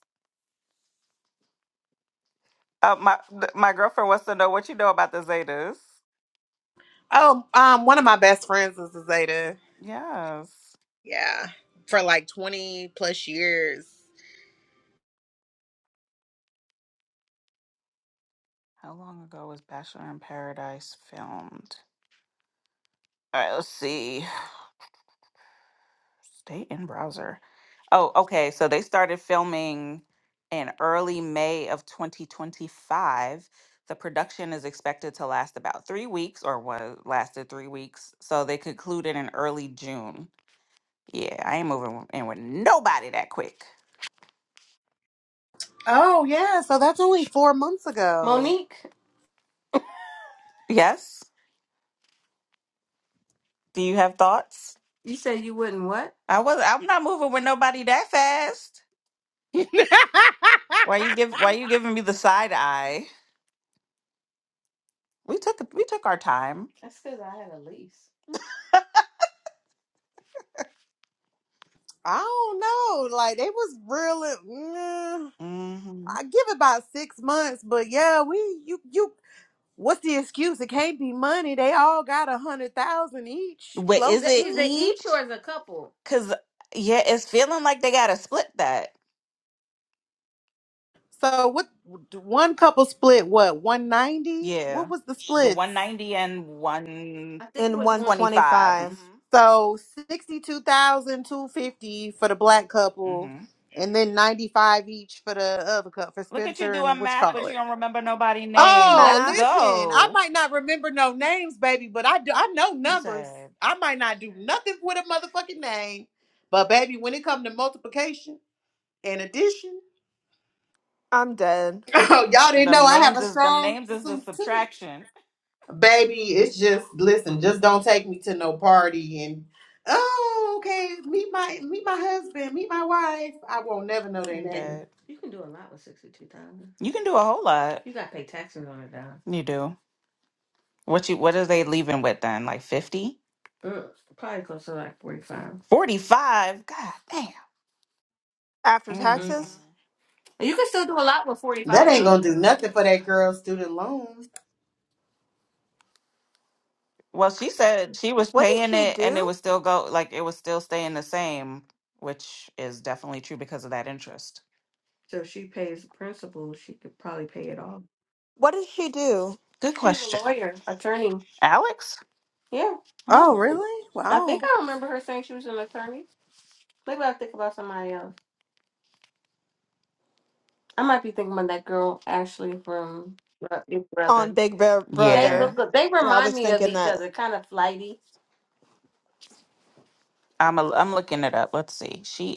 Uh, my th- my girlfriend wants to know what you know about the Zetas. oh, um, one of my best friends is a Zeta. Yes. Yeah, for like twenty plus years. How long ago was Bachelor in Paradise filmed? All right, let's see. Stay in browser. Oh, okay. So they started filming in early May of 2025. The production is expected to last about three weeks, or was lasted three weeks. So they concluded in early June. Yeah, I ain't moving in with nobody that quick. Oh yeah, so that's only four months ago. Monique, Yes. Do you have thoughts? you said you wouldn't what? I was. I'm not moving with nobody that fast. Why you give why you giving me the side eye? We took we took our time. That's because I had a lease. I don't know. Like they was really. mm, hmm I give it about six months, but yeah, we you you. What's the excuse? It can't be money. They all got a hundred thousand each, But is close That- it Is it to. each each? or is a couple? Cause yeah, it's feeling like they gotta split that. So what? One couple split what? One ninety? What Yeah. was the The splits? one ninety and one I think it in was one twenty twenty five. five. 125. Mm-hmm. So sixty-two thousand two fifty for the black couple, Mm-hmm. and then ninety-five each for the other couple for Look at you Spencer and doing what you math, but call you it. don't remember nobody' Okay, name. Oh, Let's math. listen, I go. might not remember no names, baby, but I do. I know He numbers. said I might not do nothing with a motherfucking name, but baby, when it comes to multiplication and addition. I'm dead. Y'all didn't know them I have names a is them strong names is the suit too. subtraction. Baby, it's just listen, just don't take me to no party and oh, okay, meet my meet my husband, meet my wife. I won't never know their name. That You can do a lot with sixty two thousand. you can do a whole lot. You gotta pay taxes on it though. You do. What you what are they leaving with then? Like 50? Mm, probably close to like forty five. 45? God damn. After Mm. mm taxes? You can still do a lot with forty That five ain't though. gonna do nothing for that girl's student loans. Well, she said she was What does paying she it and it do? was still go like it was still staying the same, which is definitely true because of that interest. So if she pays principal, she could probably pay it off. What does she do Good She's a question. lawyer, attorney. Alex? Yeah. Oh, Oh, really? I think Wow. I remember her saying she was an attorney. Maybe I think about somebody else. I might be thinking about that girl Ashley from uh, Big on Brother. Big Bro- They yeah. Brother? look. They I remind was me of thinking each that. other. Kind of flighty. I'm a, I'm looking it up. Let's see. She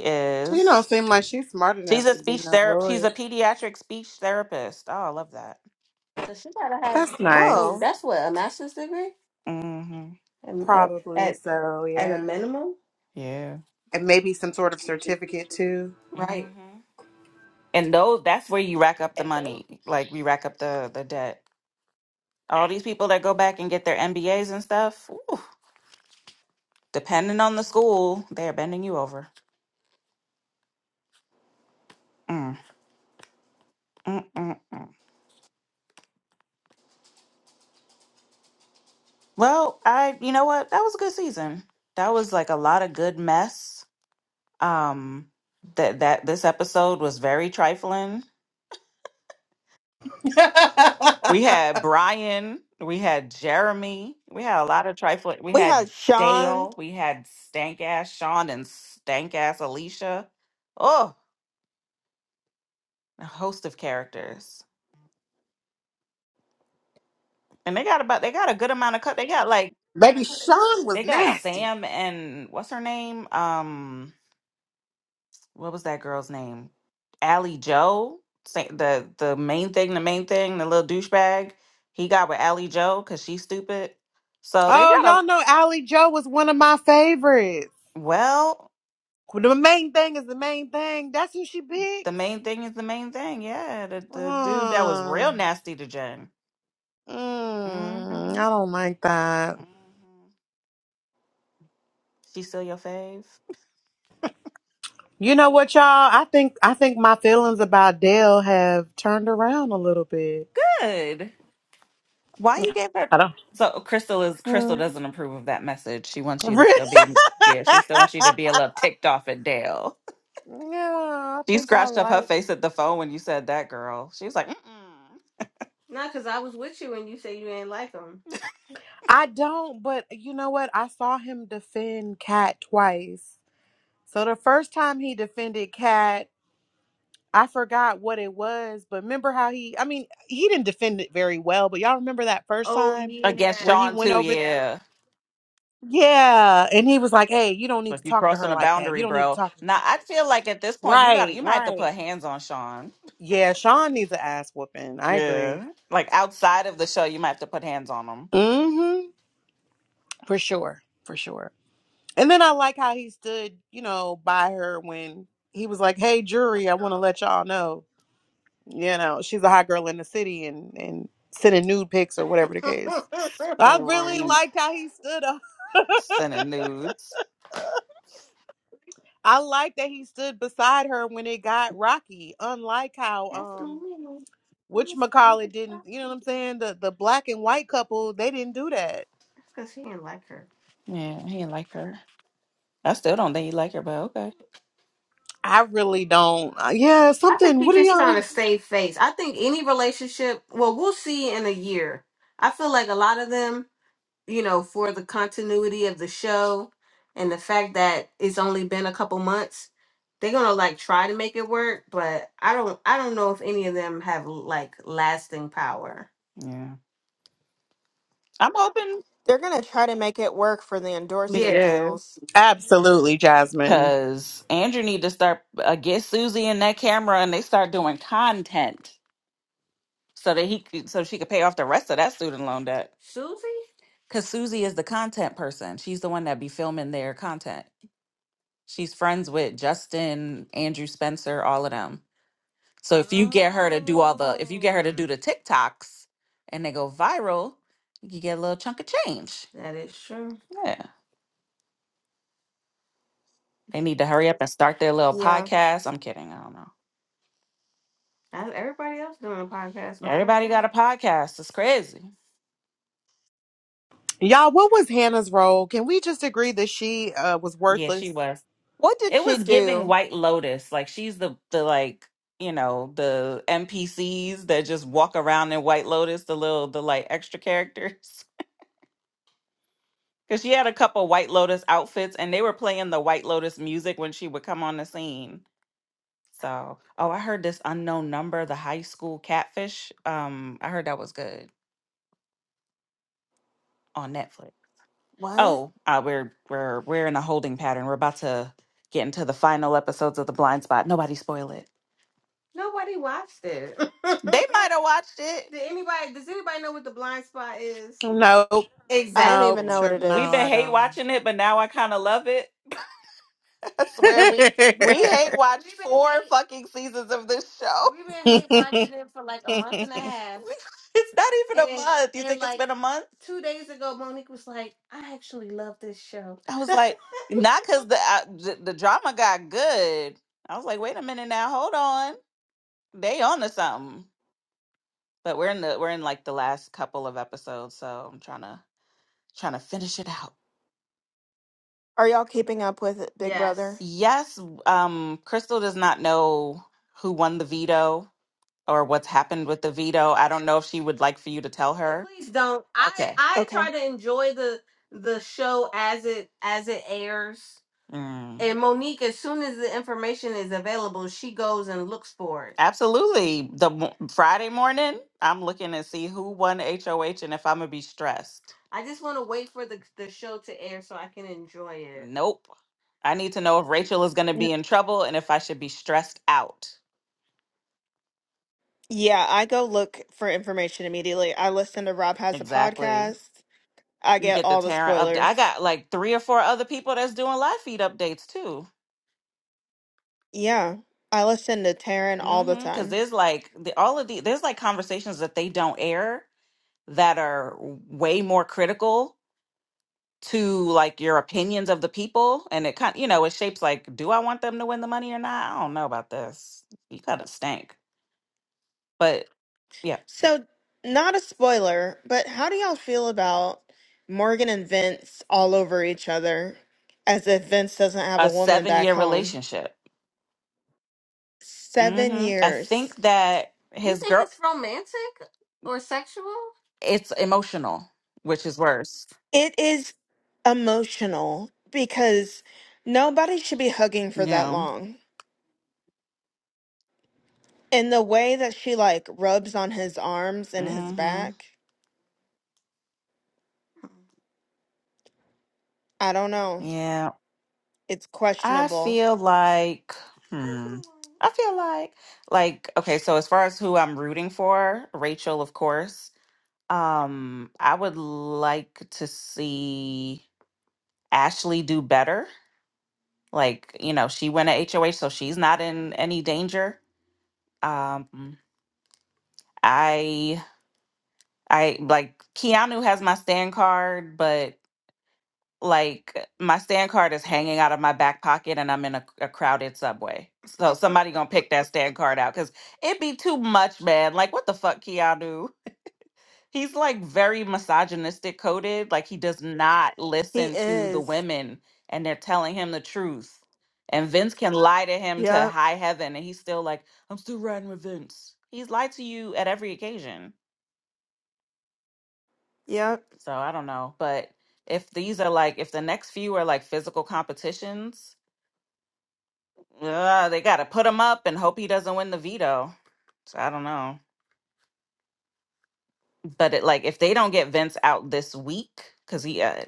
She don't is seem like she's smart she's enough a to be speech no therapist. She's lawyer. a pediatric speech therapist. Oh, I love that. So she gotta have. That's nice. So Oh, that's what a master's degree. hmm Probably And, so, at a yeah. minimum. Yeah. And maybe some sort of certificate too. Right. hmm And those that's where you rack up the money. Like we rack up the the debt. All these people that go back and get their MBAs and stuff, depending on the school, they're bending you over. Mm, mm, mm, mm. Well, I you know what? That was a good season. That was like a lot of good mess. Um that that this episode was very trifling. We had Brian, we had Jeremy, we had a lot of trifling. We we had had Sean Dale, we had stank ass Sean and stank ass Alicia. Oh, a host of characters, and they got about they got a good amount of cut. They got like Baby Sean was they got nasty. Sam and what's her name? Um, what was that girl's name? Allie Joe. Sa- The the main thing, the main thing, the little douchebag. He got with Allie Joe because she's stupid. So they Oh, got y'all a know Ally Joe was one of my favorites. well. The main thing is the main thing. That's who she The picked. main thing is the main thing. Yeah, the, the dude that was Uh, real nasty to Jen. hmm mm, I hmm don't like that. She still your fave? You know what, y'all? I think I think my feelings about Dale have turned around a little bit. Good. Why you gave her? I don't. So Crystal is Crystal Mm. doesn't approve of that message. She wants you to yeah, still be. Yeah, she still wants you to be a little ticked off at Dale. I She think I scratched up her like. face at the phone when you said that, girl. She was like, Mm-mm. Not because I was with you and you say you ain't like him. I don't, but you know what? I saw him defend Cat twice. So the first time he defended Cat. I forgot what it was, but remember how he, I mean, he didn't defend it very well, but y'all remember that first Oh time yeah. against where he Sean went too. over? Yep. th- Yeah. yeah. And he was like, hey, you don't So need if to you talk to crossing her a like that. You boundary, don't need to bro. talk to Now I feel like at this point you got to Right, you might have to right. put hands on Sean. Yeah, Sean needs an ass whooping. I agree. Yeah. Like outside of the show, you might have to put hands on hmm For sure. For sure. And then I like how he stood, you know, by her when he was like, hey, jury, I want to let y'all know. You know, she's a hot girl in the city and and sending nude pics or whatever the him. case. I really Scream. liked how he stood up. Sending nudes. I like that he stood beside her when it got rocky. Unlike how Yeah, um which McCall didn't, you know what I'm saying? The the black and white couple, they didn't do that. he didn't like her. I still don't think he like her, but okay. I really don't. uh, Yeah, I think something. What he's do just trying y'all? to save face. I think any relationship, well, we'll see in a year. I feel like a lot of them. you know, for the continuity of the show and the fact that it's only been a couple months, they're gonna like try to make it work, but I don't I don't know if any of them have like lasting power. Yeah. I'm hoping They're gonna try to make it work for the Yeah. endorsement Yeah. deals. Absolutely, Jasmine. because Andrew need to start uh, get Susie in that camera and they start doing content so that he could, so she could pay off the rest of that student loan debt. Susie? Cause Susie is the content person. She's the one that be filming their content. She's friends with Justin, Andrew Spencer, all of them. So if you get her to do all the, if you get her to Oh, do Oh, the TikToks and they go viral, you get a little chunk of change. that is true. Yeah. They need to hurry up and start their little Yeah. podcast. I'm kidding. I don't know. That's everybody else doing a podcast now. Everybody got a podcast. It's crazy. Y'all, what was Hannah's role? Can we just agree that she uh, was Yeah, she worthless? was. What did It she was giving do? White Lotus. Like she's the the like you know the NPCs that just walk around in White Lotus, the little the like extra characters. Because she had a couple White Lotus outfits and they were playing the White Lotus music when she would come on the scene. So, oh, I heard this unknown number, the high school catfish. Um, I heard that was good on Netflix. What? Oh, uh, we're we're we're in a holding pattern. We're about to get into the final episodes of The Blind Spot. Nobody spoil it. Nobody watched it. They might have watched it. Did anybody? Does anybody know what the blind spot is? Nope. I don't Nope. even know Exactly. what Sure. it No, We've been I is. hate don't. watching it, but now I kind of love it. I swear we we, hate watched we been four hate- fucking seasons of this show. We've been hate watching it for like a month and a half. We- it's not even a And- month. You and, think it's like been a month? Two days ago, Monique was like, "I actually love this show." I was like, "Not because the, uh, the the drama got good." I was like, "Wait a minute now, hold on, they on to something." But we're in the we're in like the last couple of episodes, so I'm trying to trying to finish it out. Are y'all keeping up with it, Big Yes. Brother? Yes, um, Crystal does not know who won the veto or what's happened with the veto. I don't know if she would like for you to tell Oh, her. please don't. I Okay. I Okay. try to enjoy the the show as it as it airs. Mm. And Monique, as soon as the information is available, she goes and looks for it. Absolutely. The mo- Friday morning, I'm looking to see who won HOH and if I'm gonna be stressed. I just want to wait for the the show to air so I can enjoy it. Nope. I need to know if Rachel is going to be N- in trouble and if I should be stressed out. Yeah, I go look for information immediately. I listen to Rob Has a Exactly. Podcast. I You get get the all the Tara update. I spoilers. got like three or four other people that's doing live feed updates too. Yeah. I listen to Taryn all the Mm-hmm. Because time. there's like the, all of the there's like conversations that they don't air that are way more critical to like your opinions of the people, and it kind you know it shapes like, do I want them to win the money or not? I don't know about this. You gotta stink. But yeah, So, not a spoiler, but how do y'all feel about Morgan and Vince all over each other as if Vince doesn't have a a woman seven back year home? relationship. seven hmm I years. think that You his think girl, it's romantic or sexual? it's emotional, which is worse. It is emotional because nobody should be hugging for that Yeah. long. And the way that she like rubs on his arms and his hmm back, I don't know. Yeah. It's I questionable. feel like, hmm. I feel like, like, okay, so as far as who I'm rooting for, Rachel, of course. Um, I would like to see Ashley do better. Like, you know, she went to HOH, so she's not in any danger. Um, I. I like Keanu has my stand card, but like my stand card is hanging out of my back pocket and I'm in a, a crowded subway. So somebody gonna pick that stand card out because it'd be too much, man. Like what the fuck, Keanu? He's like very misogynistic coded. Like he does not He listen to the is. women and they're telling him the truth. And Vince can lie to him to Yep. high heaven and he's still like, I'm still riding with Vince. He's lied to you at every occasion. Yep. So I don't know, but if these are like if the next few are like physical competitions, uh, they got to put him up and hope he doesn't win the veto. So I don't know. But it like if they don't get Vince out this week cuz he uh,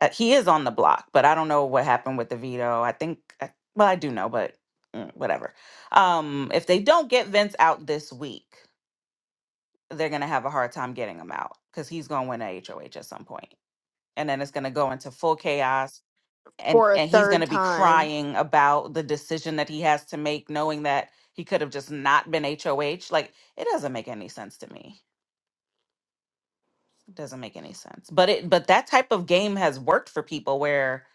uh, he is on the block, but I don't know what happened with the veto. I think I, well I do know, but mm, whatever. Um if they don't get Vince out this week, they're going to have a hard time getting him out cuz he's going to win a HOH at some point, And then it's going to go into full chaos and For a and he's going third to be time. crying about the decision that he has to make knowing that he could have just not been HOH like it doesn't make any sense to me it doesn't make any sense but it but that type of game has worked for people where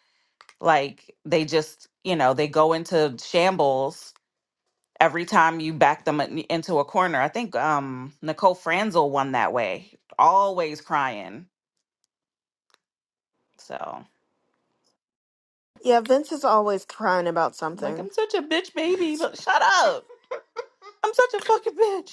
like they just you know they go into shambles every time you back them in- into a corner i think um Nicole Franzel won that way always crying so Yeah, Vince is always crying about like something. I'm such a bitch baby but shut up I'm such a fucking bitch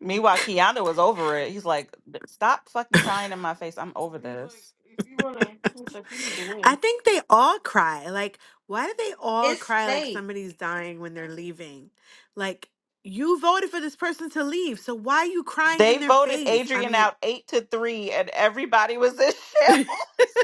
Meanwhile, Keanu was over it. He's like, "D- "Stop fucking crying in my face. I'm over He's like, this." if you wanna, he's like, you need to I win. think they all cry. Like, why do they all It's cry like fake. somebody's dying when they're leaving? Like, you voted for this person to leave, so why are you crying in They their voted face? I Adrian mean, out eight to three, and everybody was in and shambles. it's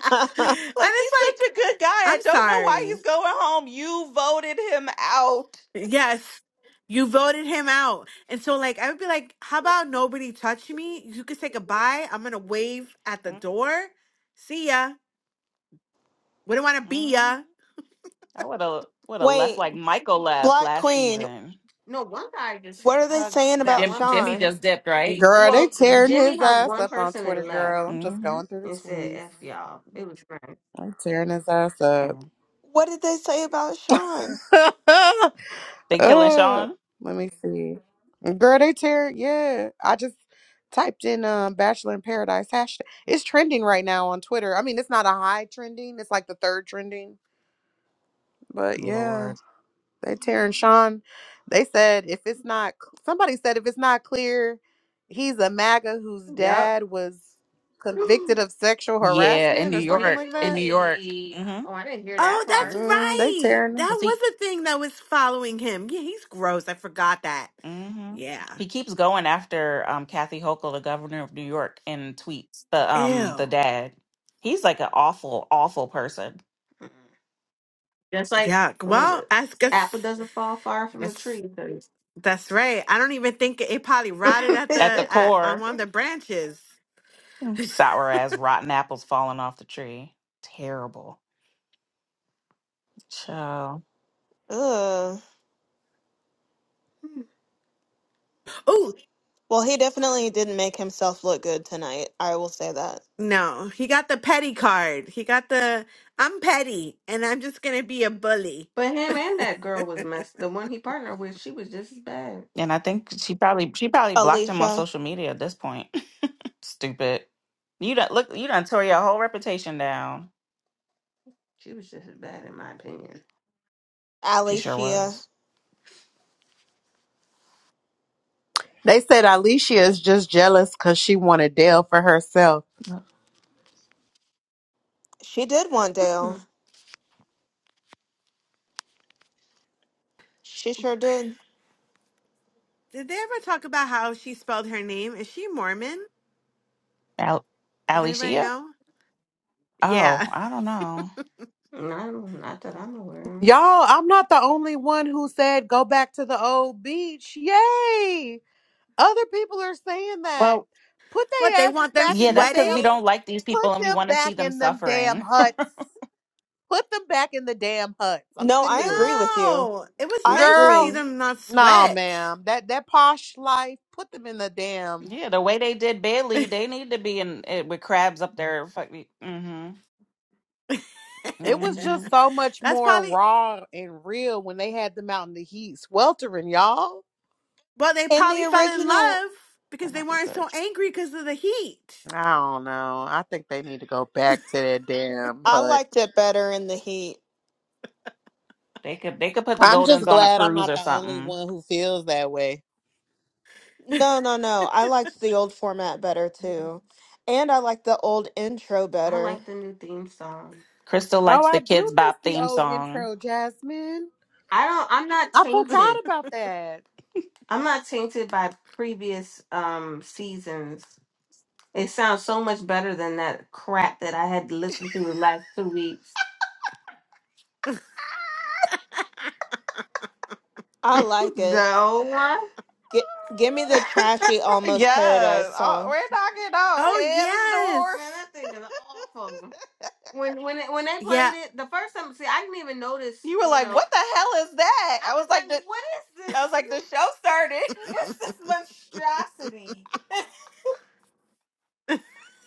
Like he's such like, a good guy. I I'm don't know why sorry. he's going home. You voted him out. Yes. You voted him out. And so like I would be like, how about nobody touch me? You could say goodbye. I'm gonna wave at the door. See ya. Wouldn't wanna be Mhm. ya. I would have would have left Wait, like Michael left Black last Queen, season. No, one guy just what are they hugged saying that about Jim one Jimmy person. Sean? just dipped, right? girl, they Well, tearing Jimmy his hugged ass one up on person Twitter, and left girl. I'm just hmm going through the and said, tweets. F y'all. It was great. I'm tearing his ass up. What did they say about Sean? They killing uh, Sean? let me see. Girl, they tearing. Yeah, I just typed in um, "Bachelor in Paradise" hashtag. It's trending right now on Twitter. I mean, it's not a high trending. It's like the third trending. But yeah. Lord. that Terrence Sean, they said if it's not, somebody said if it's not clear, he's a MAGA whose Yep. dad was convicted of sexual Yeah, in harassment New or something York. like In New that. York. Really? hmm Oh, I didn't hear Oh, that that's part. Mm, they right. tearing. That Is he? was a thing that was following him. Yeah, he's gross. I forgot that. hmm Yeah. He keeps going after um, Kathy Hochul, the governor of New York, in tweets. The um the Ew. dad, he's like an awful, awful person. Mm. Just like Yeah. well, Well, the I apple guess doesn't fall far I from the guess tree. that's right. I don't even think it probably rotted so- at At the the at, on core, one of the branches. sour as rotten apples falling off the tree. Terrible. Child. Ugh. Oh. Well, he definitely didn't make himself look good tonight. I will say that. No, he got the petty card. He got the I'm petty and I'm just gonna be a bully. but him and that girl was messed. The one he partnered with, she was just as bad. And I think she probably she probably blocked him on Alicia, social media at this point. Stupid. You don't look. You done tore your whole reputation down. She was just as bad in my opinion. She sure Alicia, was. They said Alicia is just jealous because she wanted Dale for herself. she did want Hmm. Dale. She sure did. Did they ever talk about how she spelled her name? Is she Mormon? Al- Does anybody Alicia? know? Oh, Yeah. I don't know. No, not that I'm aware of. Y'all, I'm not the only one who said go back to the old beach. Yay! Other people are saying that. Well, Put What, they their asses want them back yeah, in them that's because sweating? we damn don't like these put people and we them want to see back them in them damn suffering. huts. Put them back in the damn huts. I'm No, sick I of this. agree with you. No. It was I nice to see Girl. agree. them not No, sweat. ma'am. That that posh life, put them in the damn yeah, the way they did Bailey, they need to be in it with crabs up there. Fuck me. Mm-hmm. it was Mm-hmm. just so much That's more probably, raw and real when they had them out in the heat sweltering, y'all. well, they In the probably fell in original, love because That they might be weren't good. so angry because of the heat. I don't know. I think they need to go back to their damn I hut. liked it better in the heat. They could they could put the I'm just Goldens on a glad I'm cruise not or the only something. one who feels that way. No, no, no. I liked the old format better too. And I like the old intro I better. like the new theme song. Crystal Oh, likes I the do Kids miss Bop the theme old song. intro, Jasmine. I don't I'm not I forgot tainted. about that. I'm not tainted by previous um seasons. It sounds so much better than that crap that I had to listen to the last two weeks. I like it. The old one? Get, give me the trashy Almost yes. Paradise Oh, song. we're knocking Oh, on heaven's door. yes. Man, that thing is awful. When when it, when they Yeah, played it the first time, see, I didn't even notice. You were You like, know, what the hell is that? I I was was like, like, the, "What is I was this?" like, this?" the show started. monstrosity.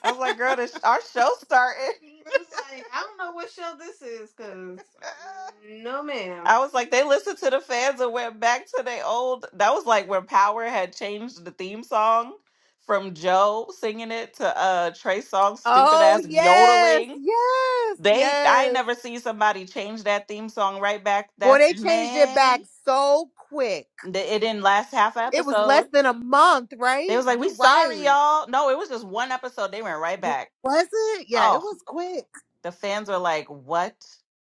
I was like, girl, this our show started. I was like, I don't know what show this is, cause no, ma'am. I was like, they listened to the fans and went back to their old. That was like when Power had changed the theme song from Joe singing it to uh Trey Songz stupid Oh, ass yes, yodeling. yes, They, I ain't yes. never seen somebody change that theme song right back. Boy, That they changed it man, back so quick. th- it didn't last half an It was less episode. than a month, They right? was like, we You're sorry right. y'all. No, it was just one episode. They went right W- back. Was it? Yeah, it Oh, was quick. the fans were like, "What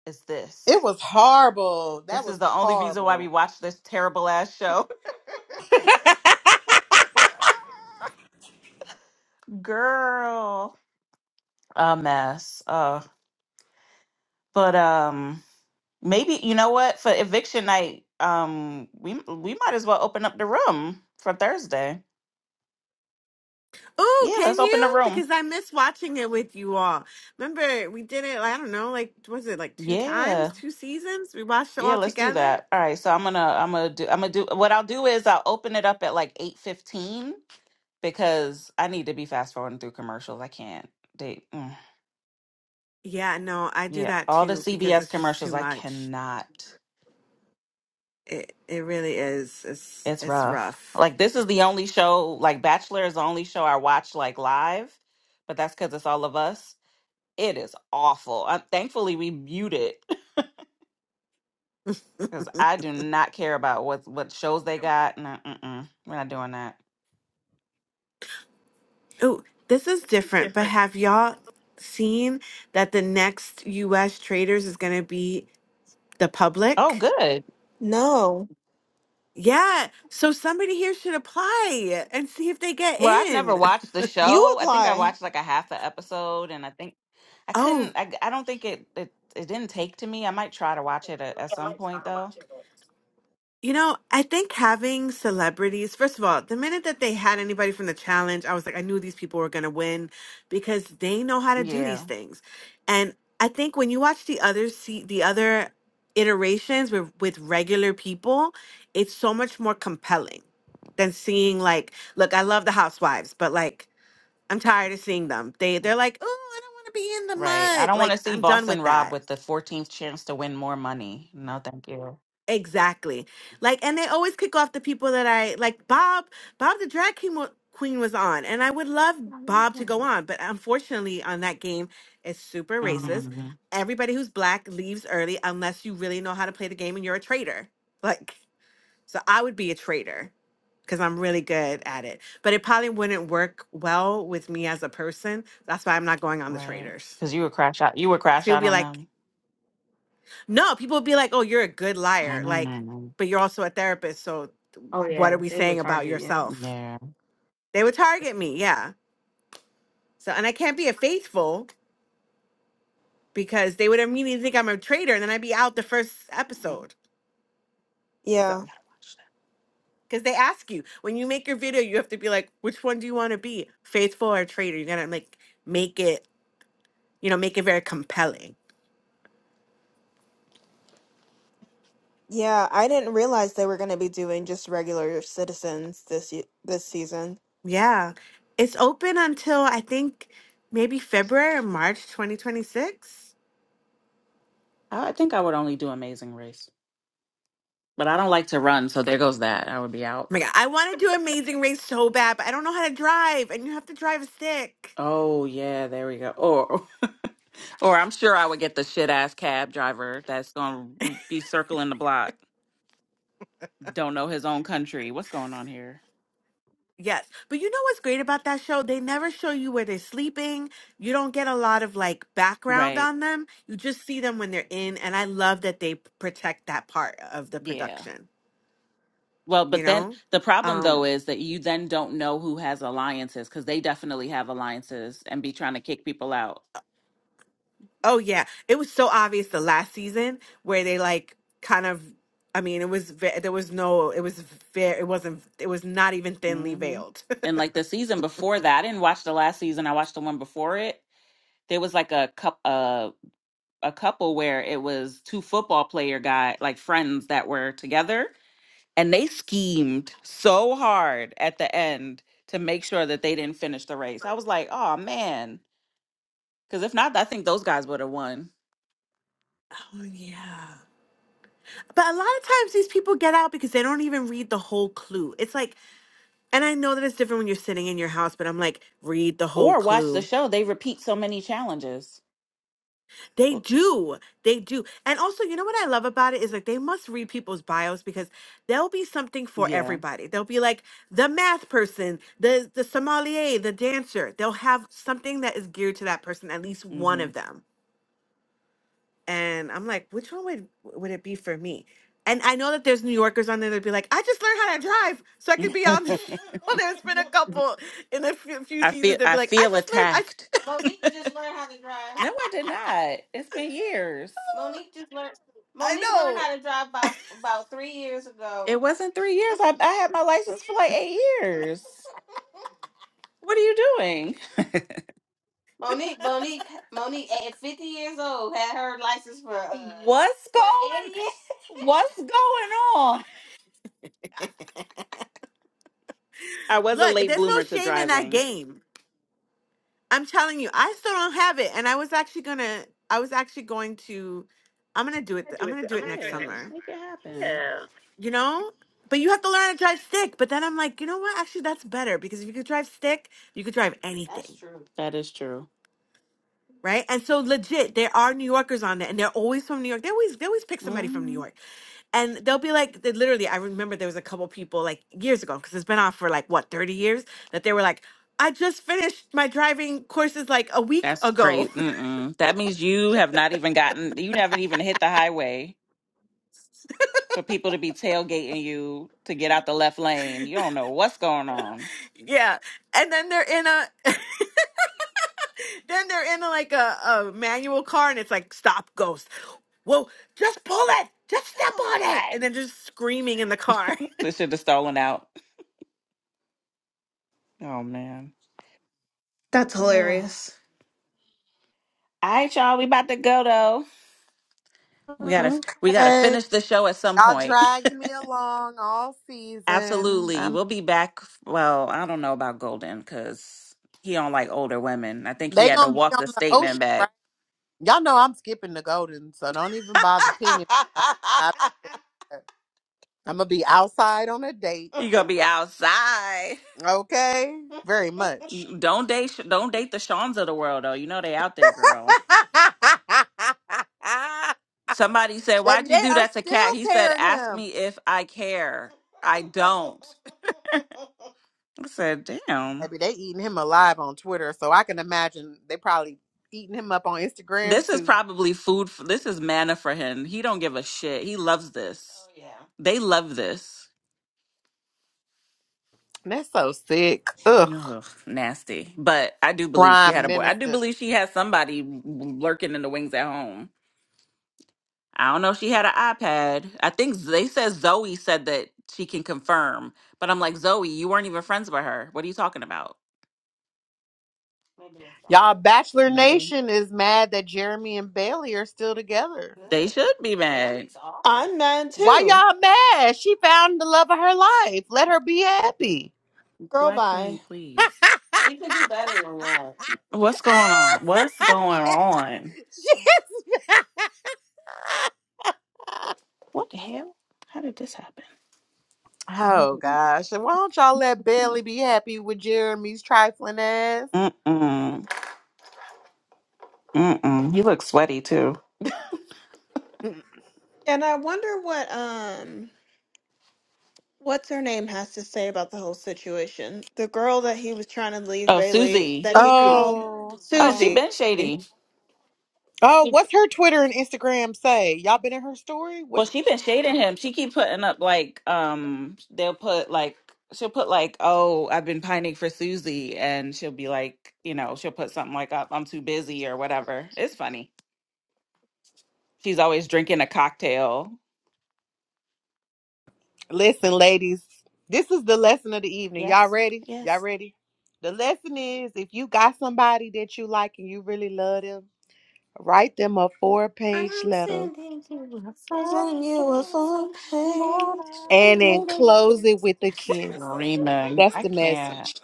is It this? was horrible. That This was is the only reason why we horrible. watch this terrible ass show, girl." A mess. Uh, but um, maybe you know what? For eviction night, um, we we might as well open up the room for Thursday. Oh, Yeah, let's can open the you? room. Because I miss watching it with you all. Remember, we did it, I don't know, like, was it like two times, Yeah, two seasons? We watched it yeah, all let's do together? that. All right, so I'm gonna I'm gonna do I'm gonna do what I'll do is I'll open it up at like eight fifteen because I need to be fast forwarding through commercials. I can't date. mm. Yeah, no, I do Yeah, that all the too because CBS it's just too commercials, I much. cannot. It it really is. It's It's it's rough. rough. Like this is the only show, like Bachelor is the only show I watch like live, but that's because it's all of us. It is awful. Uh thankfully, we mute it because I do not care about what what shows they got. No, mm-mm, we're not doing that. Oh, this is different, but have y'all seen that the next US traders is going to be the Oh, public? good. No. Yeah, so somebody here should apply and see if they get Well, I've never in. watched the You show. I think I apply. watched like a half an episode, and I think I Oh. couldn't. I, I don't think it, it it didn't take to me. I might try to watch it at, at some point though. You know, I think having celebrities, first of all, the minute that they had anybody from the challenge, I was like, I knew these people were going to win because they know how to do these Yeah. things. And I think when you watch the other see the other iterations with with regular people, it's so much more compelling than seeing like, look, I love the housewives, but like I'm tired of seeing them. They they're like, "Oh, I don't want to be in the Right. I mud." don't want to Like see I'm done Boston with Rob that. with the 14th chance to win more money. No, thank you. Exactly. Like, and they always kick off the people that I like. Bob, Bob the drag king wa- queen was on, and I would love Bob to go on, but unfortunately, on that game, it's super racist. hmm Everybody who's black leaves early unless you really know how to play the game and you're a traitor. Like, so I would be a traitor because I'm really good at it, but it probably wouldn't work well with me as a person. That's why I'm not going on the Right. traitors. Because you would crash out. You would Because crash people out be on like, them. no, people would be like, oh, you're a good liar. Like, Mhm. but you're also a therapist, so Oh what are yeah, we they saying would about target you. yourself? Yeah. They would target me, yeah. So, and I can't be a faithful because they would immediately think I'm a traitor and then I'd be out the first Mhm. episode. Yeah. So, because they ask you when you make your video, you have to be like, which one do you want to be, faithful or traitor? You're gonna like make it, you know, make it very compelling. Yeah, I didn't realize they were going to be doing just regular citizens this ye- this season. Yeah, it's open until I think maybe February or March 2026. I I think I would only do Amazing Race, but I don't like to run, so there goes that. I would be out. Oh my God, I want to do Amazing Race so bad, but I don't know how to drive, and you have to drive a stick. Oh yeah, there we go. Or, or I'm sure I would get the shit ass cab driver that's gonna be circling the block. Don't know his own country. What's going on here? Yes. But you know what's great about that show? They never show you where they're sleeping. You don't get a lot of like background Right. on them. You just see them when they're in. And I love that they protect that part of the Yeah. production, Well, you but then know? the problem though Um, is that you then don't know who has alliances because they definitely have alliances and be trying to kick people out. oh yeah. It was so obvious the last season where they like kind of I mean, it was ve- there was no it was very it wasn't it was not even thinly hmm veiled. And like the season before that, I didn't watch the last season. I watched the one before it. There was like a cup, a a couple where it was two football player guy, like friends that were together. and they schemed so hard at the end to make sure that they didn't finish the race. I was like, oh man, because if not, I think those guys would have won. Oh yeah. But a lot of times these people get out because they don't even read the whole clue. It's like And I know that it's different when you're sitting in your house, but I'm like, read the whole Or watch the clue. show; they repeat so many challenges. They do. They do. And also, you know what I love about it is like they must read people's bios because there'll be something for Yeah. everybody. They'll be like the math person, the the sommelier, the dancer. They'll have something that is geared to that person, at least one Mm-hmm. of them. And I'm like, which one would would it be for me? And I know that there's New Yorkers on there that'd be like, I just learned how to drive so I could be on the Well, there's been a couple in a few, few I seasons. feel They'd be I like, I feel just learned. I. attacked. Monique just learned how to drive. no, I did not. It's been years. Monique just learned. I Monique learned know. how to drive about about three years ago. It wasn't three years. I, I had my license for like eight years. What are you doing? Monique, Monique, Monique, at 50 years old, had her license for uh, What's for going 80 years. what's going on? I was a Look, late there's no bloomer to shame in that driving. game. I'm telling you, I still don't have it, and I was actually gonna, I was actually going to, I'm gonna do it. th- I'm gonna do it next Yeah, summer. make it happen. You know, but you have to learn to drive stick. But then I'm like, you know what? Actually, that's better because if you could drive stick, you could drive That's anything, true. That is true. right? And so legit, there are New Yorkers on there, and they're always from New York. They always they always pick somebody from New Mm-hmm. York. and they'll be like they literally i remember there was a couple people like years ago because it's been on for like what 30 years that they were like i just finished my driving courses like a week That's ago crazy. Mm-mm. That means you have not even gotten, you haven't even hit the highway for people to be tailgating you to get out the left lane. You don't know what's going on. yeah and then they're in a then they're in a, like a, a manual car and it's like stop ghost whoa just pull it just step Come on it and on. then just screaming in the car This shit is stolen out. Oh man. That's Oh. All hilarious. right, y'all. We about to go though. We gotta we gotta Okay. finish the show at some Y'all point. dragged me along all season. Absolutely. I'm. We'll be back. Well, I don't know about Golden because he don't like older women. I think he They had to gonna be walk on the the statement ocean, right? back. Y'all know I'm skipping the golden, so don't even bother pinging. I'm I'm gonna be outside on a date, You gonna be outside. okay? Very much. Don't date, don't date the Shawns of the world though. You know they out there, girl. Somebody said, Baby, "Why'd you they do are that to Cat?" He still said, tearing "Ask him. me if I care. I don't." I said, "Damn, Baby, they eating him alive on Twitter, so I can imagine they probably eating him up on Instagram this is too. probably food. For, this is manna for him. He don't give a shit. He loves this. They love this." That's so sick. Ugh, Ugh, nasty. But I do believe she prime had a boy. I do minister. believe she has somebody lurking in the wings at home. I don't know if she had an iPad. I think Z- they said Zoe said that she can confirm, but I'm like, Zoe, you weren't even friends with her. What are you talking about? Y'all, Bachelor Maybe. Nation is mad that Jeremy and Bailey are still together. They should be mad. I'm mad Why too. y'all mad? She found the love of her life. Let her be happy. Girl Black Queen, bye. please. What's going on? What's going on? What the hell? How did this oh happen? gosh. Why don't y'all let Bailey be happy with Jeremy's trifling ass? Mm-mm. Mm-mm. He looks sweaty too. And I wonder what um what's her name has to say about the whole situation. The girl that he was trying to leave Oh, Bailey Susie. that he called Oh Oh, she yeah. Susie. been shady. Oh, what's her Twitter and Instagram say? Y'all been in her story? Well, What's she been shading him. She keep putting up like um they'll put like she'll put like, "Oh, I've been pining for Susie." And she'll be like, you know, she'll put something like, "Up, I'm too busy" or whatever. It's funny. She's always drinking a cocktail. Listen, ladies, this is the lesson of the evening. Y'all Yes. ready? Y'all Yes. ready? The lesson is if you got somebody that you like and you really love them, write them a four I'm page letter sending you a Present you a something, full Lord. page. and then close it with a kiss. Rima, That's I the can't. message.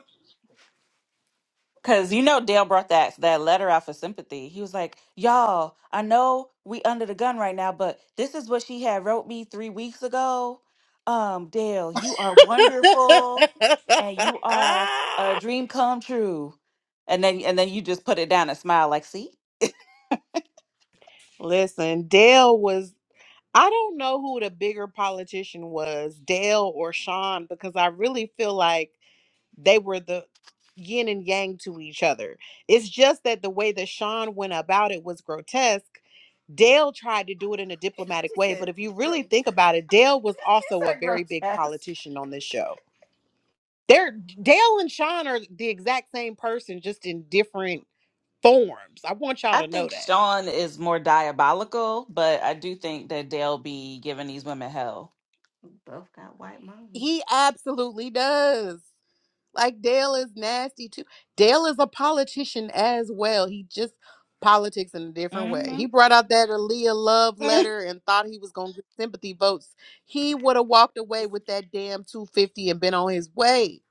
Cause you know Dale brought that that letter out for sympathy. He was like, "Y'all, I know we under the gun right now, but this is what she had wrote me three weeks ago. Um, Dale, you are wonderful, and you are a dream come true." And then and then you just put it down and smile like, "See, Listen, Dale was, I don't know who the bigger politician was, Dale or Sean, because I really feel like. They were the yin and yang to each other. It's just that the way that Sean went about it was grotesque. Dale tried to do it in a diplomatic She way, but said if you really grotesque. think about it, Dale was She also a said very big grotesque. politician on this show. They're Dale and Sean are the exact same person, just in different forms. I want y'all I to know think that. Sean is more diabolical, but I do think that Dale be giving these women hell." We both got white mommy. He absolutely does. Like Dale is nasty too. Dale is a politician as well. He just politics in a different way. He brought out that Aaliyah love letter and thought he was gonna get sympathy votes. He would have walked away with that damn 250 and been on his way.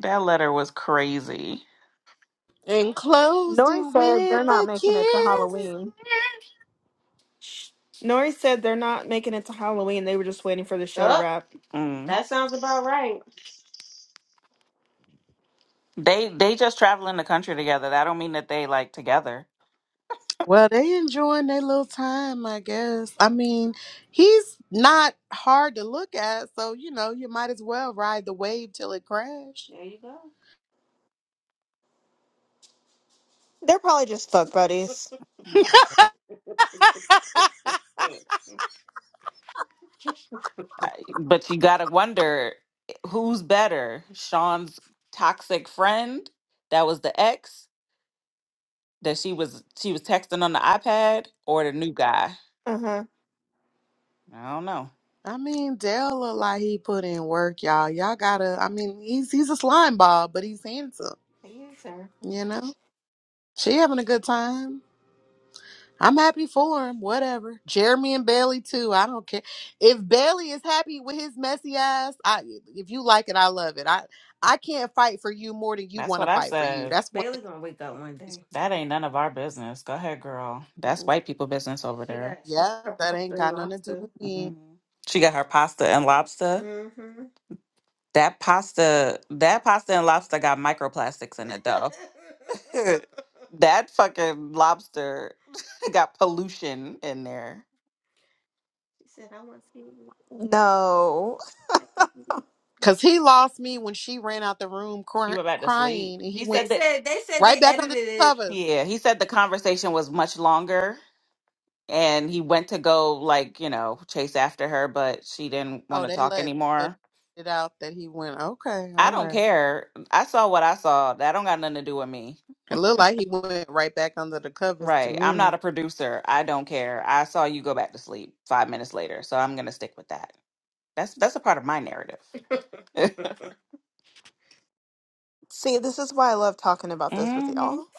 That letter was crazy. And closed it Nori said they're with not a making it to kiss. Halloween. Nori said they're not making it to Halloween. They were just waiting for the show to Up. wrap. Mm. That sounds about right. They they just travel in the country together. That don't mean that they like together. Well, they enjoying their little time, I guess. I mean, he's not hard to look at, so you know, you might as well ride the wave till it crashed. There you go. They're probably just fuck buddies. Okay. Mm. I- But you gotta wonder who's better, Sean's toxic friend that was the ex that she was she was texting on the iPad or the new guy. Uh-huh. I don't know. I mean, Dale look like he put in work, y'all. Y'all gotta. I mean, he's he's a slime ball, but he's handsome. Yes, sir. You know, she having a good time. I'm happy for him. Whatever. Jeremy and Bailey too. I don't care if Bailey is happy with his messy ass. I if you like it, I love it. I I can't fight for you more than you That's want to what I fight for you. said. That's one thing. Bailey gonna wake up one day. That ain't none of our business. Go ahead, girl. That's white people business over She there. got she got Yeah, her that pasta ain't and got nothing to do lobster. with hmm me. She got her pasta and lobster. Mm-hmm. That pasta, that pasta and lobster got microplastics in it though. that fucking lobster got pollution in there. she said, "I want to see." what No. I can do." Cause he lost me when she ran out the room He cry- went back to sleep. crying, and he He went They said that said they said they right back under the edited it. covers. yeah, he said the conversation was much longer and he went to go like you know chase after her but she didn't want Oh, to they talk let so anymore they it out that he went. Okay, i all don't right. care i saw what i saw that don't got nothing to do with me It looked like he went right back under the covers to right i'm me. not a producer i don't care i saw you go back to sleep five minutes later so i'm gonna stick with that that's that's a part of my narrative See, this is why I love talking about this with hmm y'all.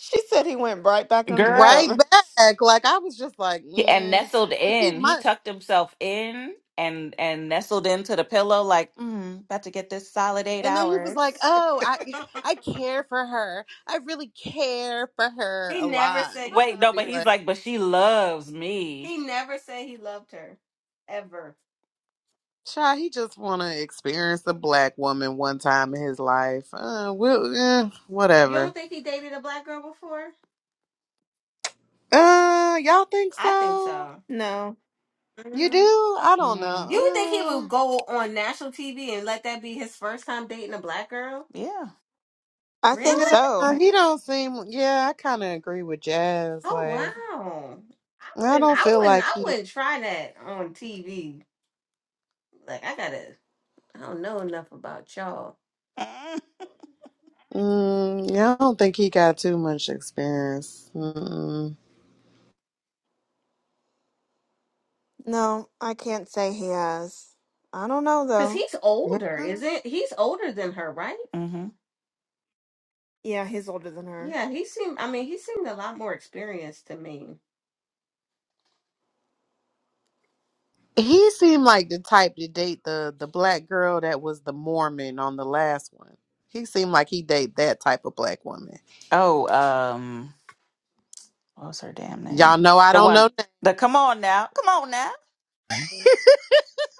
She said he went right back under the Right girl covers. back. Like I was just like, He- and mm. nestled 'Cause he in he my, tucked himself in and and nestled into the pillow like mm, about to get this solid eight and then he was like, hours "Oh, I I care for her. I really care for her He a never lot." And said he I Wait, just no, loved be but he's her. like, like, but she loves me. He never said he loved her ever. "Child, he just want to experience a black woman one time in his life. Uh, we'll, eh, You don't whatever. think he dated a black girl before? Uh, y'all think I think so? so. No. You do? hmm I don't hmm You would think he know. Uh, would go on national TV and let that be his first time dating a black girl? Yeah. I think Yeah, Really? so. hmm he don't seem. Yeah, I kind of agree with Jazz. Oh Like, wow. I I wouldn't don't I feel wouldn't like I he. wouldn't try that on TV. Like I gotta I don't know enough about y'all. Mm-hmm. Mm, yeah, I don't think he got too much experience. Mm-mm. No, I can't say he has. I don't know Cause though. he's Yeah, older, isn't he's older than her, right? Yeah, he's older than her. Yeah, he seemed. I mean, he seemed a lot more experienced to me. he seemed like the type to date the the black girl that was the Mormon on the last one. He seemed like he date that type of black woman. Oh, um, what was her damn Y'all name? know I The don't one, know. That. the come on now, come on now,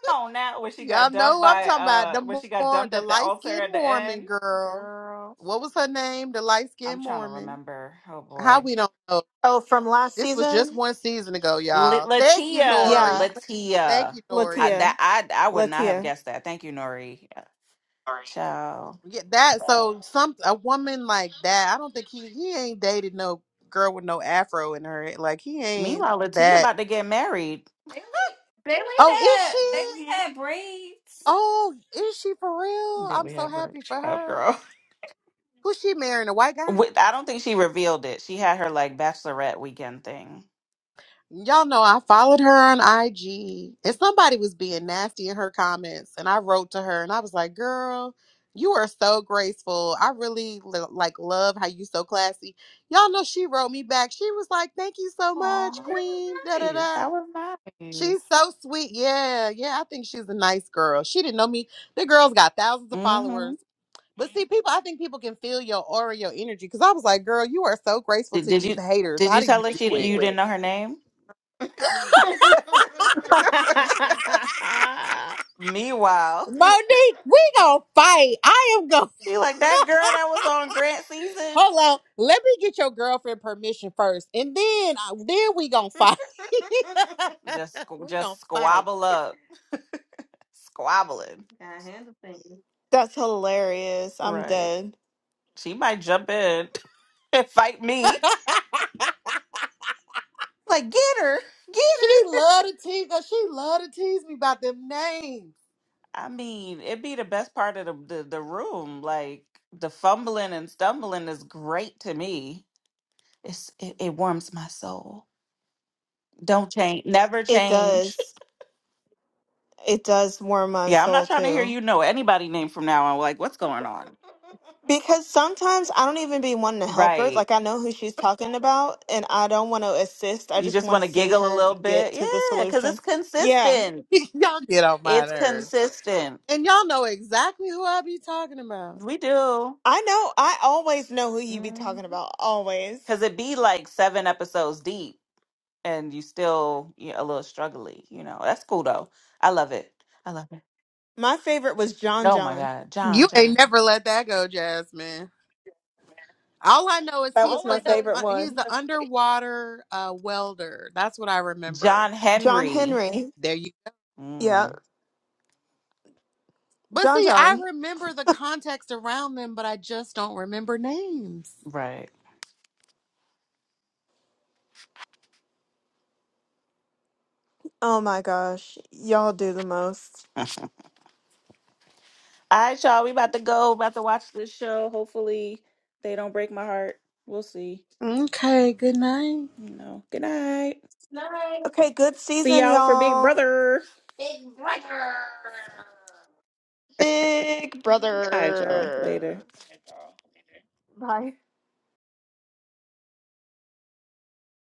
come on now. When she Y'all got know dumped who I'm by, talking about uh, the when she got more dumped the at the light altar skinned at the Mormon end, girl. girl. What was her name? The light I'm skinned trying to Mormon. remember. Oh How boy, we don't know? Oh, from last This was just season? one season ago, L- y'all. Thank you, Latia, Yeah. Nori. Thank Latia. you, Nori. I Latia. that I I would not have Latia. guessed that. Thank you, Nori. Ciao. Yeah, that so some a woman like that. I don't think he he ain't dated no girl with no afro in her. Like he ain't Meanwhile, Latia that. about to get married. Bailey, Bailey Oh, is had she? Bailey Mhm. had braids. Oh, is she for real? That I'm we so have her. happy for Shut up, her. girl. Who's she marrying? A white guy? With, I don't think she revealed it. She had her like bachelorette weekend thing. Y'all know I followed her on IG and somebody was being nasty in her comments and I wrote to her and I was like, "Girl, you are so graceful. I really l- like love how you so classy." Y'all know she wrote me back. She was like, "Thank you so Aw, much, that was queen." Da da nice. da. That was She's nice. so sweet. Yeah. Yeah, I think she's a nice girl. She didn't know me. The girl's got thousands of Mm-hmm. followers. But see, people, I think people can feel your aura, your energy. Cause I was like, girl, you are so graceful Did, to did these you haters. did How you do you tell her she do it? you didn't Wait. know her name? Meanwhile. Monique, we gonna fight. I am gonna Be like that girl that was on Grant season. hold on. Let me get your girlfriend permission first, and then I- then we gonna fight. Just squ- we gonna just fight. squabble up, squabbling. Gotta handle things. That's hilarious. I'm Right. dead. She might jump in and fight me. Like get her, get she her. love to tease us. She love to tease me about them names. I mean, it'd be the best part of the the, the room. Like the fumbling and stumbling is great to me. It's it, it warms my soul. Don't change. Never It change. does. It does warm my Yeah, I'm soul not trying to hear too. you know anybody name from now on. Like, what's going on? Because sometimes I don't even be wanting to help her. Right. Like I know who she's talking about and I don't want to assist. I You just just want to want to see giggle a her little get bit? to the Yeah, because solution. it's Yeah. consistent. y'all get on my It's nerve, consistent. and y'all know exactly who I be talking about. We do. I know I always know who you be talking Because about. Always. it be like seven episodes deep and you still you a little struggly, you know. That's cool though. I love it. I love it. My favorite was John Oh my John. God. John, You ain't John. never let that go, Jasmine. All I know is That he was my was the favorite uh, he's one. the underwater uh, welder. That's what I remember. John John Henry. Henry. There you Yeah. Mm, But John see, I John. remember the context around them, but I just don't remember names. right. Oh my gosh. Y'all do the most. All right, y'all. We about to go. About to watch this show. Hopefully they don't break my heart. We'll see. Okay, good night. You know. Good night. Night. Okay, good See season, y'all for Big y'all. Brother. Big Brother. Big All right, y'all. brother. Later. Bye.